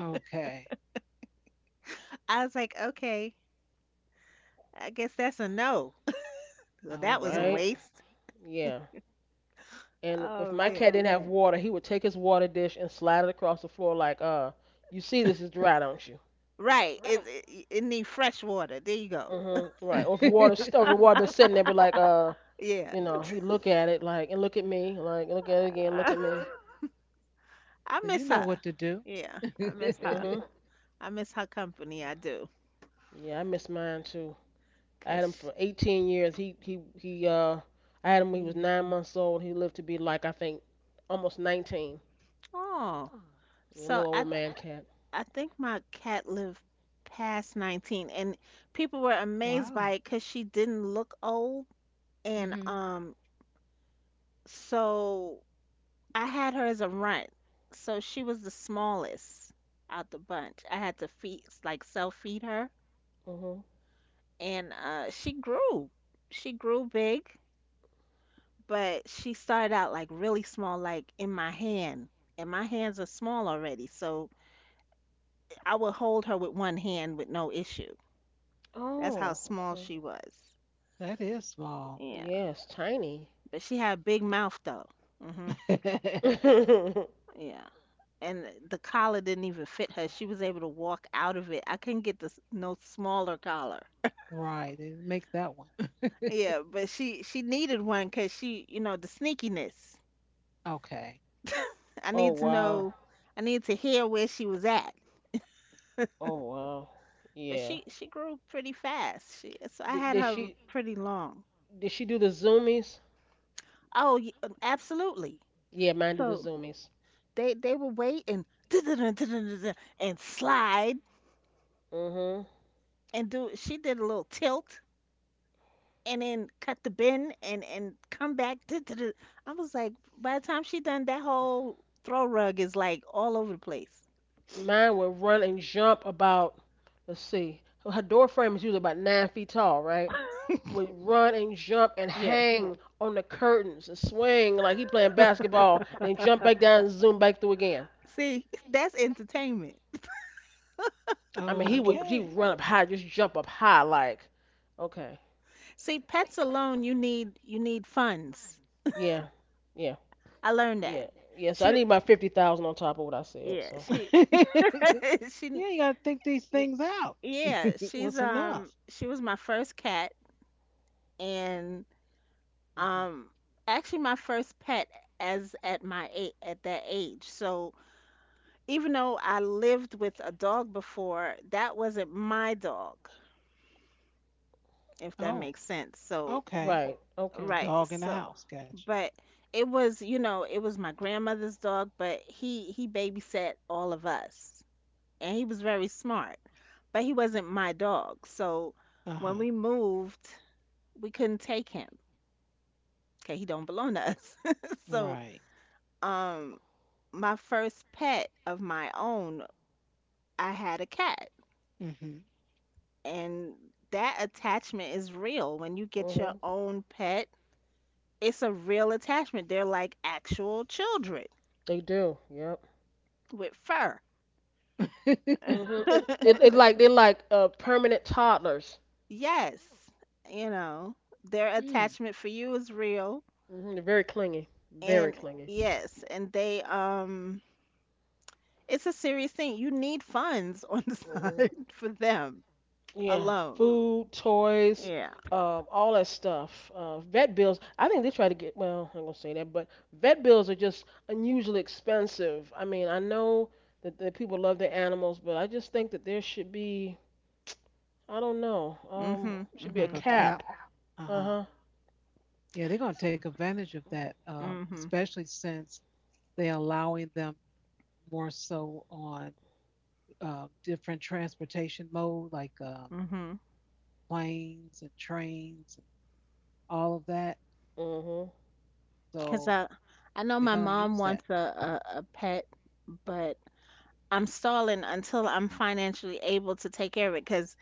Okay. I was like, okay, I guess that's a no. So that was a Okay. right? waste. Yeah. And if Oh my cat man. didn't have water, he would take his water dish and slide it across the floor like, you see this is dry, don't you? Right. It needs fresh water. There you go. Mhm. Right. Or so if water been sitting there, be like, Yeah. you know, he look at it like and look at me, like look at it again, look Uh, at me. I you miss know her. what to do. Yeah, I miss her. Mhm. I miss her company. I do. Yeah, I miss mine too. I Cause had him she- for 18 years. He he. I had him when he was Hmm, 9 months old. He lived to be like I think almost 19. oh, A little so I old man cat. I think my cat lived past 19, and people were amazed by wow. it because she didn't look old, and Hmm. So I had her as a runt, so she was the smallest out the bunch. I had to feed, like self feed her, Mhm. and she grew. She grew big, but she started out like really small, like in my hand, and my hands are small already, so I would hold her with one hand with no issue. That's how Oh, small okay. she was. That is small. Yeah, Yes, tiny. but she had a big mouth though. Mhm. right. oh Yeah. And the collar didn't even fit her. She was able to walk out of it. I couldn't get no smaller collar. They didn't make that one. Yeah, but she needed one because she, the sneakiness. Okay. I need to wow. know, I need to hear where she was at. Oh wow. But Yeah. she grew pretty fast. She So I Did, had did her she pretty long. did she do the zoomies? Oh, absolutely. Yeah, mine do the So zoomies. they would wait and and slide Mhm. and do. She did a little tilt and then cut the bend and come back. I was like, by the time she done that whole throw rug is like all over the place. Mine would run and jump about. Let's see. Her door frame is usually about 9 feet tall, right? Would run and jump and Yes. hang on the curtains and swing like he playing basketball, and jump back down and zoom back through again. See, that's entertainment. I mean, he Okay. would run up high, just jump up high like, okay, See, pets alone, you need funds. yeah, yeah, I learned that. yeah, yeah. So I She, need my 50,000 on top of what I said. yeah, So yeah, she, you got to think these y- things out. yeah, she's What's enough? she was my first cat, and Hmm. um, actually my first pet as at my eight at that age. So even though I lived with a dog before, that wasn't my dog, if that Oh, makes sense. So. okay. right, The okay, Right. dog in the house. Gotcha. But it was my grandmother's dog, but he babysat all of us. And he was very smart, but he wasn't my dog. So, Uh huh. when we moved, we couldn't take him. Okay, he don't belong to us. So, Right. um my first pet of my own, I had a cat. Hmm. And that attachment is real. When you get your mhm, own pet, it's a real attachment. They're like actual children they do, yep, with fur. mhm. It, it, it like they're like permanent toddlers. Yes, you know, their Mm, attachment for you is real, Mhm, they're very clingy, very and clingy. yes, and they it's a serious thing. You need funds on the Mhm. side for them Yeah, alone. food, toys, Yeah. All that stuff. Vet bills. I think they try to get. Well, I'm gonna say that, but vet bills are just unusually expensive. I mean, I know that people love their animals, but I just think that there should be. I don't know. Mhm. Should be a like Mhm. a cap. cap. Uh Uh-huh. huh. Yeah, they're going to take advantage of that, Mhm. especially since they're allowing them more so on different transportation mode, like Mhm. planes and trains and all of that. Mhm. Cuz So I know they're my going to use mom that. wants a pet, but I'm stalling until I'm financially able to take care of it, cuz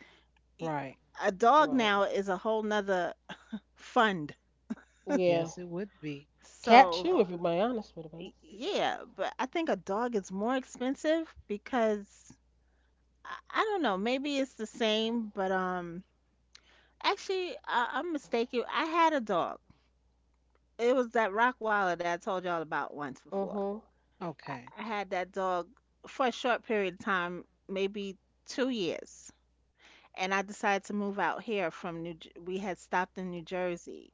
Right. a dog Right. now is a whole nother fund. Yeah. Yes, it would be. Cat So too, if you're being honest with me. Yeah, but I think a dog is more expensive because I don't know, maybe it's the same, but actually I'm mistaken. I had a dog. It was that Rottweiler that I told y'all about once before. Mhm. I, Okay. I had that dog for a short period of time, maybe 2 years. And I decided to move out here. We had stopped in New Jersey,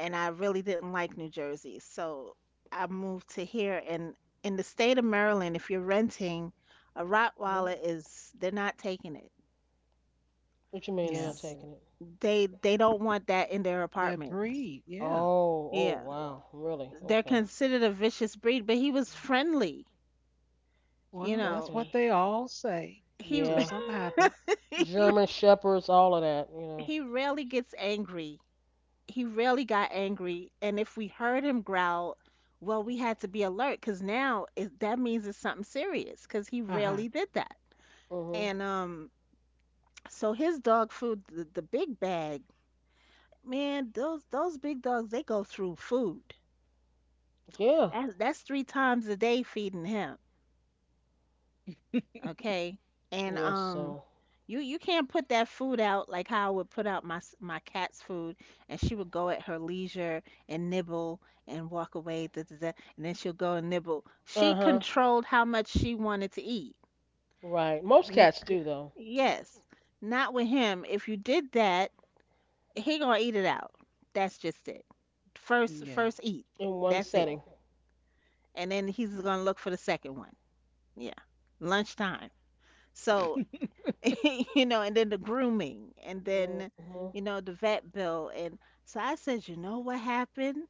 and I really didn't like New Jersey. So I moved to here. And in the state of Maryland, if you're renting, a Rottweiler Mhm. They're not taking it. What you mean? They're not Yeah. S- taking it. they don't want that in their That apartment. breed. Yeah. Oh. Oh. Yeah. Wow. Really? They're Okay. considered a vicious breed, but he was friendly. You Well, know, that's Okay. what they all say he until Yeah. something happens. he German shepherds, all of that, you know. he rarely gets angry. He really got angry, and if we heard him growl, well, we had to be alert because now that means it's something serious because he rarely Uh-huh. did that. Mhm. And so his dog food, the big bag, man, those big dogs they go through food. Yeah. That's three times a day feeding him. Okay? And Yeah. So. you can't put that food out like how I would put out my cat's food, and she would go at her leisure and nibble and walk away, da, da, da, and then she'll go and nibble. She Uh huh. controlled how much she wanted to eat. Right. Most N- cats do though, yes. Not with him. If you did that, he gonna eat it out. That's just it. First Yeah. first eat. in one That's it. setting. And then he's gonna look for the second one. Yeah. Lunchtime. So and then the grooming, and then, Mhm. The vet bill. And so I said, you know what happened?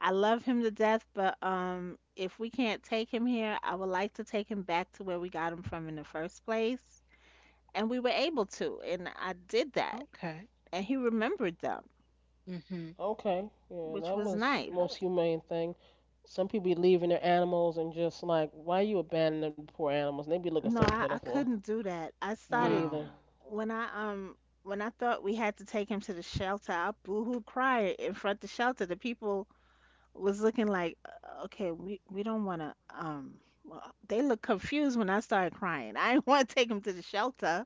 I love him to death, but if we can't take him here, I would like to take him back to where we got him from in the first place. And we were able to, and I did that. Okay. And he remembered them, Hmm. Okay. Yeah, which that was was nice. most humane thing. Some people be leaving their animals and just like, why you abandoning the poor animals? And they be looking No, so I pitiful. couldn't do that. I Me started either. Wow. when I um when I thought we had to take him to the shelter, I boohoo cried in front of the shelter. The people was looking like, okay, we don't want to. Well," they look confused when I started crying. I didn't want to take them to the shelter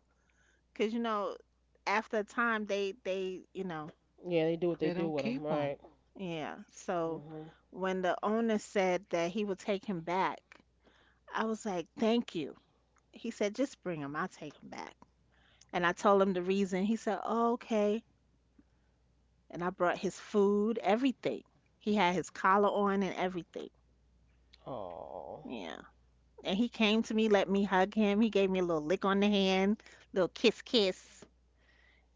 because after a time, they Yeah, they do what they They do don't with them. keep Right. them. yeah. So Mhm. when the owner said that he would take him back, I was like, thank you. He said, just bring him. I'll take him back. And I told him the reason. He said, oh, okay. And I brought his food, everything. He had his collar on and everything. Oh. Yeah. And he came to me, let me hug him. He gave me a little lick on the hand, little kiss, kiss,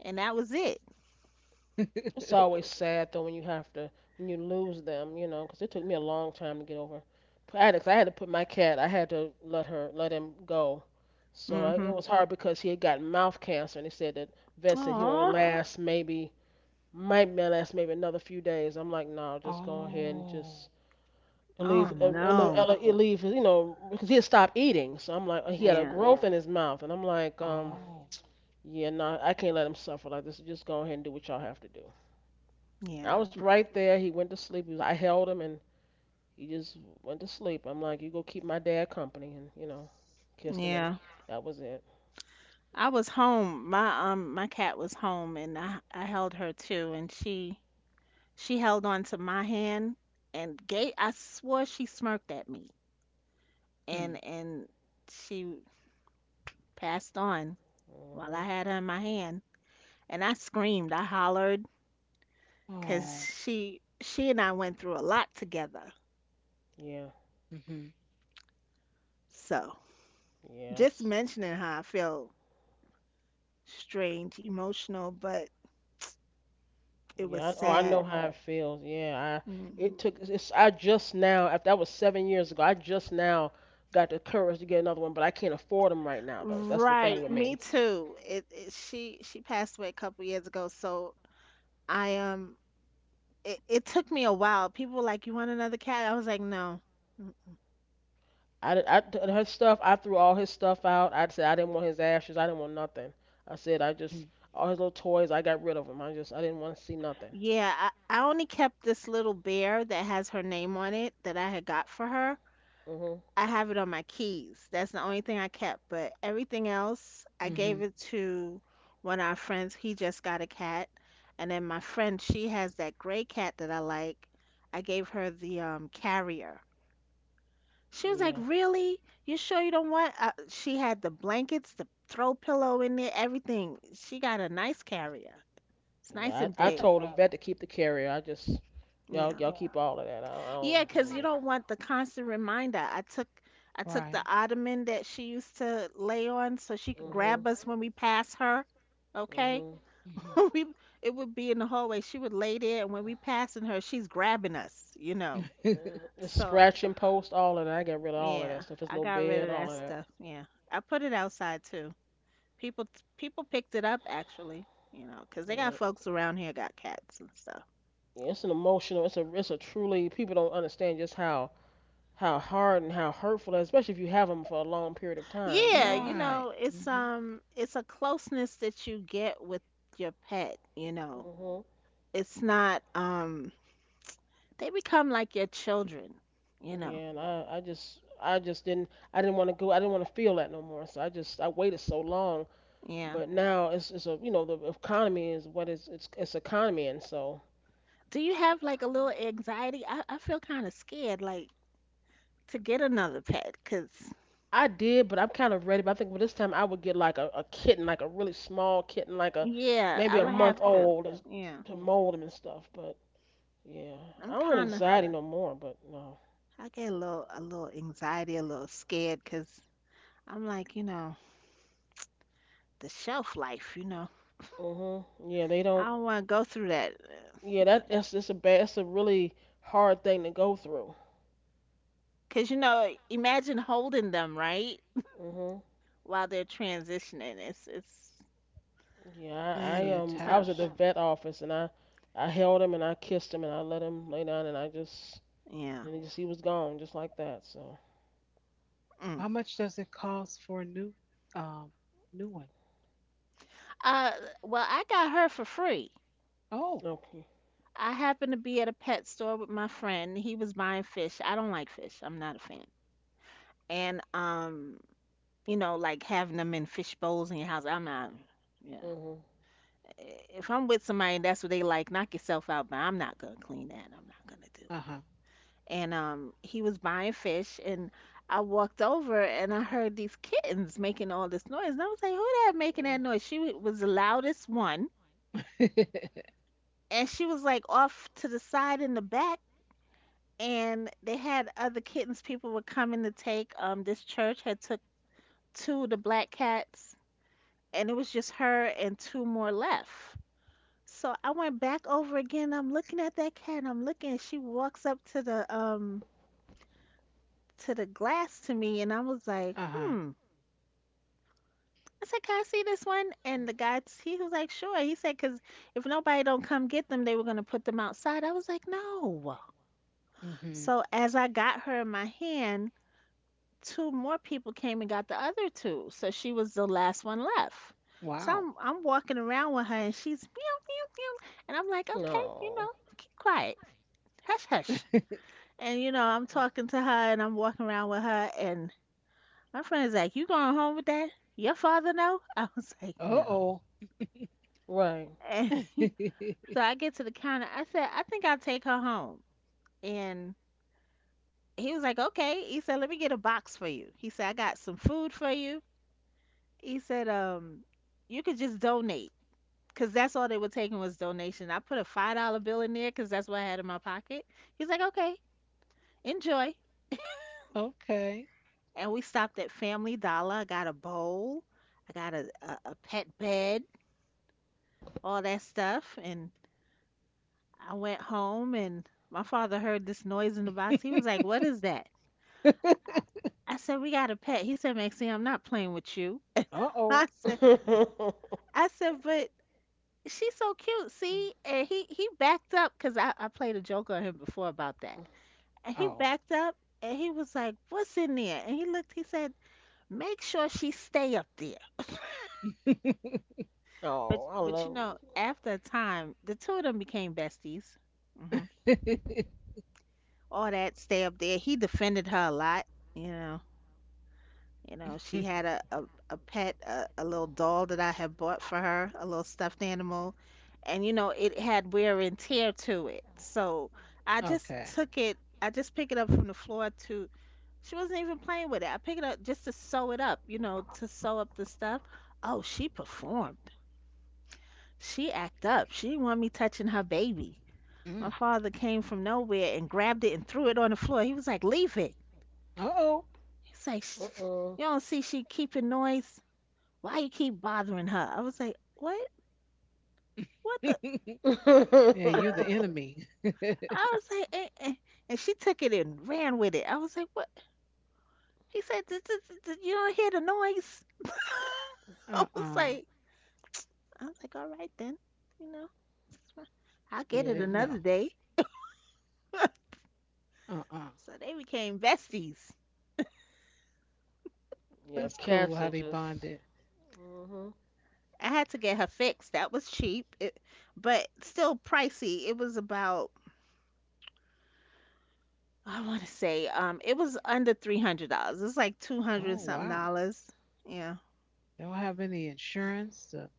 and that was it. It's always sad though when you have to when you lose them, you know, 'cause it took me a long time to get over addicts. I had to put my cat. I had to let her let him go. So I, it Mhm. was hard because he had got mouth cancer, and they said that vet said he only Oh, Oh. last maybe might may last maybe another few days. I'm like, no, just go ahead and just oh. Oh leave oh leave, no. no. Leave you know because he had stopped eating. So I'm like, he had a Yeah. growth Yeah. in his mouth, and I'm like, Oh. yeah, no, I can't let him suffer like this. Just go ahead and do what y'all have to do. Yeah. I was right there. He went to sleep. He was, I held him and he just went to sleep. I'm like, you go keep my dad company, and you know, kissed him, and Yeah. that was it. I was home. My my cat was home, and I held her too, and she held on to my hand and gave. I swore she smirked at me, Hmm. and she passed on while Hmm. I had her in my hand, and I screamed, I hollered, because Oh. she and I went through a lot together. Yeah. Hmm. So just Yes. mentioning her, I feel strange, emotional, but it was Yeah. I, oh, I know sad. how it feels. Yeah. I Mm. it took. It's. I just now. After that was 7 years ago. I just now got the courage to get another one, but I can't afford them right now, though. That's the thing Right, with me me. too. It she passed away a couple years ago, so I it took me a while. People were like, "You want another cat?" I was like, "No." Mm. Her stuff. I threw all his stuff out. I said I didn't want his ashes. I didn't want nothing. I said I just all his little toys. I got rid of them. I just I didn't want to see nothing. Yeah, I only kept this little bear that has her name on it that I had got for her. Mhm. I have it on my keys. That's the only thing I kept, but everything else I Mm-hmm. gave it to one of our friends. He just got a cat, and then my friend, she has that gray cat that I like. I gave her the carrier. She was like, Yeah. "Really? You sure you don't want?" She had the blankets, the throw pillow in there, everything. She got a nice carrier. It's nice Yeah. and I no big. told the vet to keep the carrier. I just y'all y'all Yeah. Yeah. keep all of that. I don't Yeah, cause you need it. don't want the constant reminder. I took the Right. ottoman that she used to lay on so she could Mhm. grab us when we pass her. Okay? Mhm. Hmm. We It would be in the hallway. She would lay there and when we passing her, she's grabbing us. Mm, the So, scratching post, all of that. I got rid of all of that yeah, stuff. His I little got rid of bed, all that of that. stuff. Yeah. I put it outside too. People People picked it up actually, 'cause they got Yeah. folks around here got cats and stuff. Yeah it's an emotional. It's a. It's a truly. People don't understand just how hard and how hurtful, especially if you have them for a long period of time, you Yeah, know. you right. know, it's Mm-hmm. um it's a closeness that you get with your pet. Mhm. It's not, they become like your children, you know. Yeah, and I just, I just didn't, I didn't want to go, I didn't want to feel that no more. So I just, I waited so long, Yeah. but now you know, the economy is what is, it's economy, and so Do you have like a little anxiety? I feel kind of scared like to get another pet 'cause I did, but I'm kind of ready. But I think by this time I would get like a kitten, like a really small kitten, like a, yeah, maybe I a would month have to. old, and- Yeah. to mold them and stuff. But yeah, I I'm don't have kind of anxiety no more. But no. I get a little anxiety, a little scared 'cause I'm like, you know, the shelf life, you know. Mhm. Yeah, they I don't. don't want to go through that. Yeah, that's it's a bad, it's a really hard thing to go through. Because you know, imagine holding them, right? Mhm. While they're transitioning. It's Yeah, Yeah, so you I was tough. at the attached. vet office and I held him and I kissed him and I let him lay down and I just Yeah. and he just he was gone just like that. So Mm. How much does it cost for a new, um, new one? Uh well, I got her for free. Oh. okay. I happened to be at a pet store with my friend. He was buying fish. I don't like fish. I'm not a fan. And You know, like having them in fish bowls in your house, I'm not, yeah. Mhm. If I'm with somebody and that's what they like, knock yourself out, but I'm not gonna clean that. I'm not gonna do Uh it. huh. And he was buying fish, and I walked over and I heard these kittens making all this noise and I was like, who that making that noise? Was the loudest one, and she was like off to the side in the back, and they had other kittens. People were coming to take this church had took two of the black cats, and it was just her and two more left. So I went back over again. I'm looking at that cat. I'm looking. And she walks up to the glass to me, and I was like, uh huh. "Hmm, I said, "Can I see this one?" And the guy, he was like, "Sure." He said, "Cause if nobody don't come get them, they were gonna put them outside." I was like, "No." Hmm. So as I got her in my hand, two more people came and got the other two. So she was the last one left. So Wow. I'm walking around with her, and she's meow meow meow, and I'm like, "Okay, you No. know, keep quiet, hush hush." And you know, I'm talking to her, and I'm walking around with her, and my friend's like, "You going home with that? Your father know?" I was like, Uh "No." oh. Right. And So I get to the counter. I said, I think I'll take her home. And he was like, okay. He said, let me get a box for you. He said, I got some food for you. He said, you could just donate. Cause that's all they were taking was donation. I put a $5 bill in there because that's what I had in my pocket. He's like, okay, enjoy. okay. And we stopped at Family Dollar. I got a bowl. I got a pet bed, all that stuff. And I went home and my father heard this noise in the box. He was like, what is that? uh I said, we got a pet. He said, Maxine, I'm not playing with you. oh. I said, I said, but she's so cute, see? And he backed up because I played a joke on him before about that. And he Oh. backed up and he was like, what's in there? And he looked, he said, make sure she stay up there. Oh, I But you love. know, after a time, the two of them became besties. Hmm. All that stay up there. He defended her a lot, you know. You know, she had a pet, a little doll that I had bought for her, a little stuffed animal. And, you know, it had wear and tear to it. So okay. I just picked it up from the floor to, she wasn't even playing with it. I picked it up just to sew it up, you know, to sew up the stuff. Oh, she performed. She act up. She didn't want me touching her baby. My Mm. father came from nowhere and grabbed it and threw it on the floor. He was like, leave it. Oh. He's like, "Sh- Uh uh you don't see she keeping noise? Why you keep bothering her? I was like, what? What the? yeah, you're the enemy. uh-uh. I was like, eh, eh. And she took it and ran with it. I was like, what? He said, "Th- th- th- th- you don't hear the noise. I was like, I was like, all right then, you know, I'll get You it yeah. didn't another know. day. Uh-uh. So they became besties. Yeah. That's cool Cats how are they just. bonded. Mhm. I had to get her fixed. That was cheap, it, but still pricey. It was about, I want to say, it was under $300. It was like 200 and Oh something wow. dollars. Yeah. They don't have any insurance to,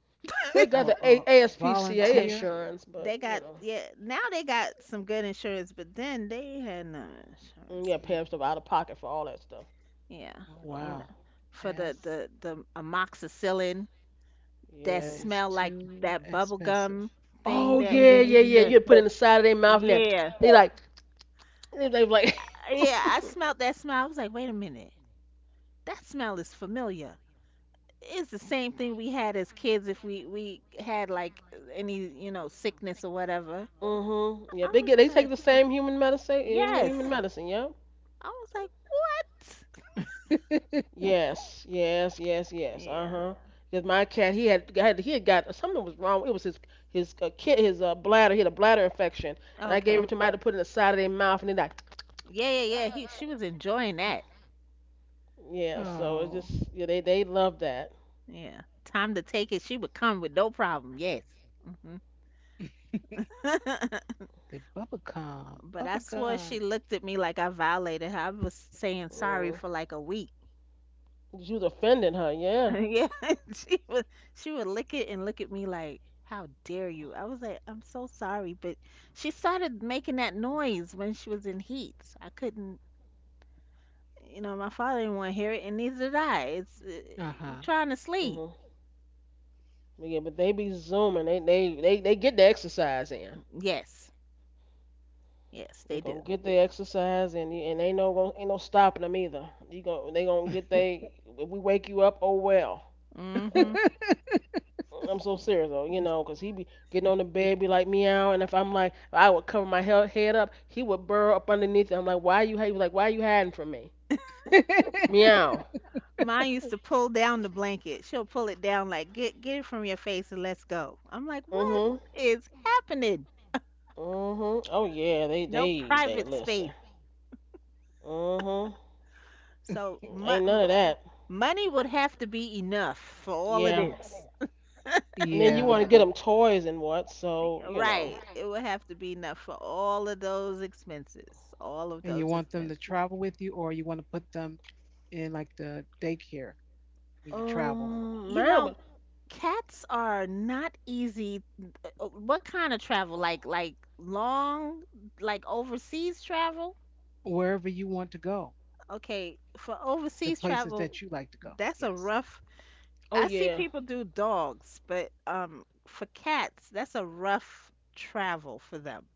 They got or, the A- or or ASPCA volunteer. insurance, They but got, you know. yeah, now they got some good insurance, but then they had no Mm, insurance. yeah, Mm. paying stuff out of pocket for all that stuff. Yeah, Oh Uh you huh. wow. know, for the Yes. the the amoxicillin that That Yeah. is smell like too that bubble expensive. gum thing Oh that we yeah, yeah, used yeah. to, You put it in the side of their mouth and that yeah. they like they like. Yeah, I smelled that smell. I was like, wait a minute, that smell is familiar. It's the same thing we had as kids if we had like any, you know, sickness or whatever. mhm. Yeah, I they get was they take like, the same human medicine. Human yes. medicine. Yeah. I was like, what? Yes, yes, yes, yes. Uh Yeah. huh. Because my cat, he had got something was wrong. It was his kid his bladder. He had a bladder infection, and I gave Okay. it to him. I had to put it in the side of their mouth, and they like Yeah, yeah, yeah. He She was enjoying that. yeah. So it's oh. just yeah, they love that. Yeah. Time to take it. She would come with no problem. Yes. Hmm. The bubblegum. But I swore Bubblegum. she looked at me like I violated her. I was saying sorry Mm. for like a week. You defending her, yeah. Yeah, she would she would lick it and look at me like, "How dare you?" I was like, "I'm so sorry," but she started making that noise when she was in heat. So I couldn't, you know, my father didn't want to hear it, and neither did I. It's We're Uh-huh. trying to sleep. Mhm. But yeah, but they be zooming. They get the exercise in. Yes, yes, They they do. gonna get the exercise and ain't no stopping them either. You going they gonna get they. If we wake you up, oh well. Hmm. I'm so serious though, you know, 'cause he be getting on the bed, be like meow, and if I'm like, I would cover my head up, he would burrow up underneath. And I'm like, why you? He was like, why you hiding from me? Meow. Mine used to pull down the blanket. She'll pull it down like get it from your face and let's go. I'm like, what Mhm. is happening? Mhm. Oh yeah, they No they they private space. listen. Mhm. So Ain't mo- none of that. Money would have to be enough for all of Yeah. this. And then you yeah. want to get them toys and what, so, you know. Right. It would have to be enough for all of those expenses. All of And you those want them to expenses. travel with you, or you want to put them in like the daycare when you travel, You Mine know, was. cats are not easy. What kind of travel? Like long, like overseas travel? wherever you want to go, Okay, for the overseas places travel, that you like to go. that's a Yes. rough. Oh I see yeah, people do dogs, but for cats, that's a rough travel for them,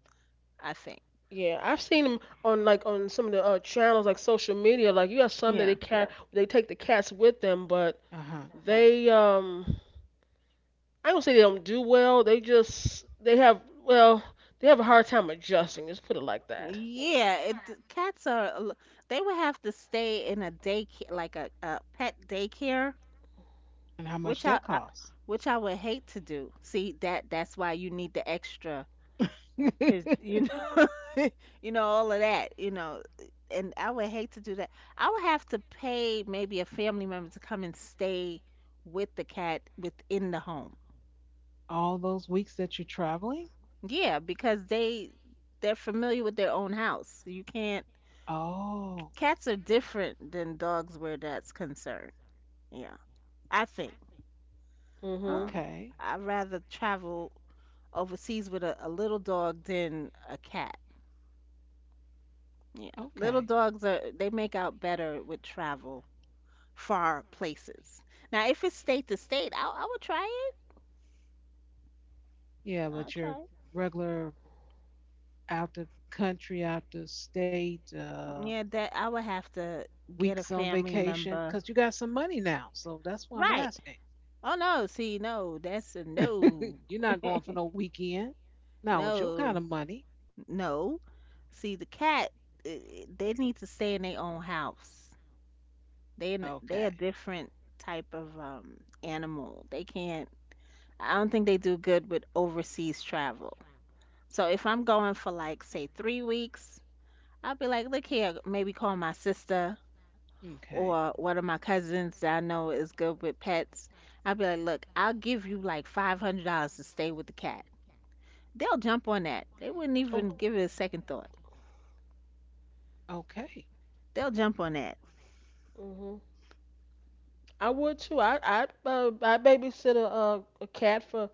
I think. yeah. I've seen them on like on some of the channels like social media. Like you have some that Yeah. they cat they take the cats with them, but Uh huh. they I don't say they don't do well. They just they have a hard time adjusting. Let's put it like that. Cats are, they would have to stay in a daycare, like a pet daycare, And how much which that costs? which I would hate to do. See, that that's why you need the extra. 'Cause, you know, you know, all of that, you know, and I would hate to do that. I would have to pay maybe a family member to come and stay with the cat within the home. All those weeks that you're traveling? Yeah, because they're familiar with their own house. You can't, Oh, cats are different than dogs where that's concerned. Yeah, I think. Mhm. Um, okay. I'd rather travel overseas with a little dog than a cat. Yeah. Okay. Little dogs are, they make out better with travel far places. Now, if it's state to state, I would try it. Yeah, I'll but your try regular out the country, out the state, it. Yeah, that I would have to get a weeks on family vacation, member. because you got some money now. So that's why I'm Right. asking. Oh no, see, no, that's a no. You're not going for no weekend. Not with your kind of No, money. no. See, the cat, eh, eh, they need to stay in their own house. They Okay. a different type of animal. They can't. I don't think they do good with overseas travel. So if I'm going for like say 3 weeks, I'll be like, look here, maybe call my sister Okay. or one of my cousins that I know is good with pets, I'll be like, look, I'll give you like $500 to stay with the cat. They'll jump on that. They wouldn't Oh, even give it a second thought. Okay. They'll jump on that. mhm. I would too. I babysit a cat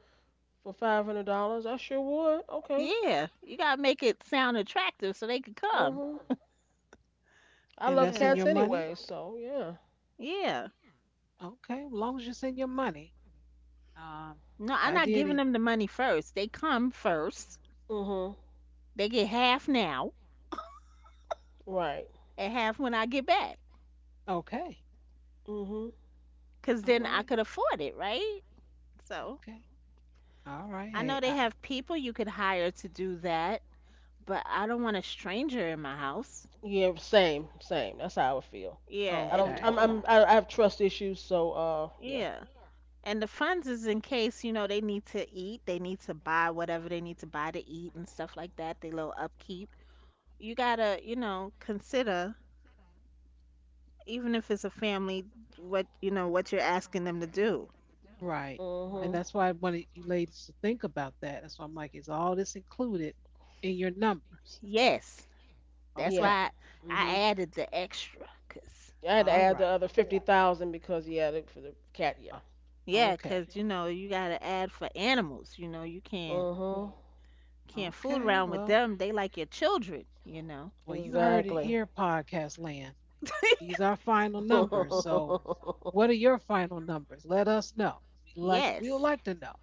for $500. I sure would. Okay. Yeah, you gotta make it sound attractive so they could come. Mhm. I And that's love Yeah, in your cats money? anyway, so yeah. yeah. Okay. As long as it's in your money. Um, No, if I'm I not did giving it. them the money first. They come first. Mhm. They get half now Right. and half when I get back, Okay. Mhm. 'cause All then I right. could afford it, right? So Okay. All right. I know Hey, they I, have people you could hire to do that, but I don't want a stranger in my house. Yeah. Same. Same. That's how I would feel. Yeah, I and don't. I'm. okay. I'm. I have trust issues, so. Yeah. yeah. And the funds is in case, you know, they need to eat, they need to buy whatever they need to buy to eat and stuff like that, they little upkeep. You gotta, you know, consider, even if it's a family, what, you know, what you're asking them to do. Right. Mhm. And that's why I wanted you ladies to think about that. That's why I'm like, is all this included in your numbers? Yes, that's Okay. Yep. why I Mhm. added the extra, 'cause I had to All add the right. other 50,000 because yeah, for the cat. Uh, Yeah. yeah, okay. 'cause you know, you gotta add for animals, you know, you can't Mhm. can't fool Okay. around with Well, them. They like your children, you know. well, you heard it Exactly. here, podcast land. These are final numbers. So what are your final numbers? Let us know. We'll Yes. like to know.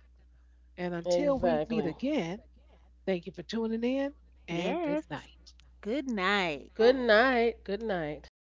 And until we meet exactly. again, thank you for tuning in and good Yes. night. Good night. Good night. Good night.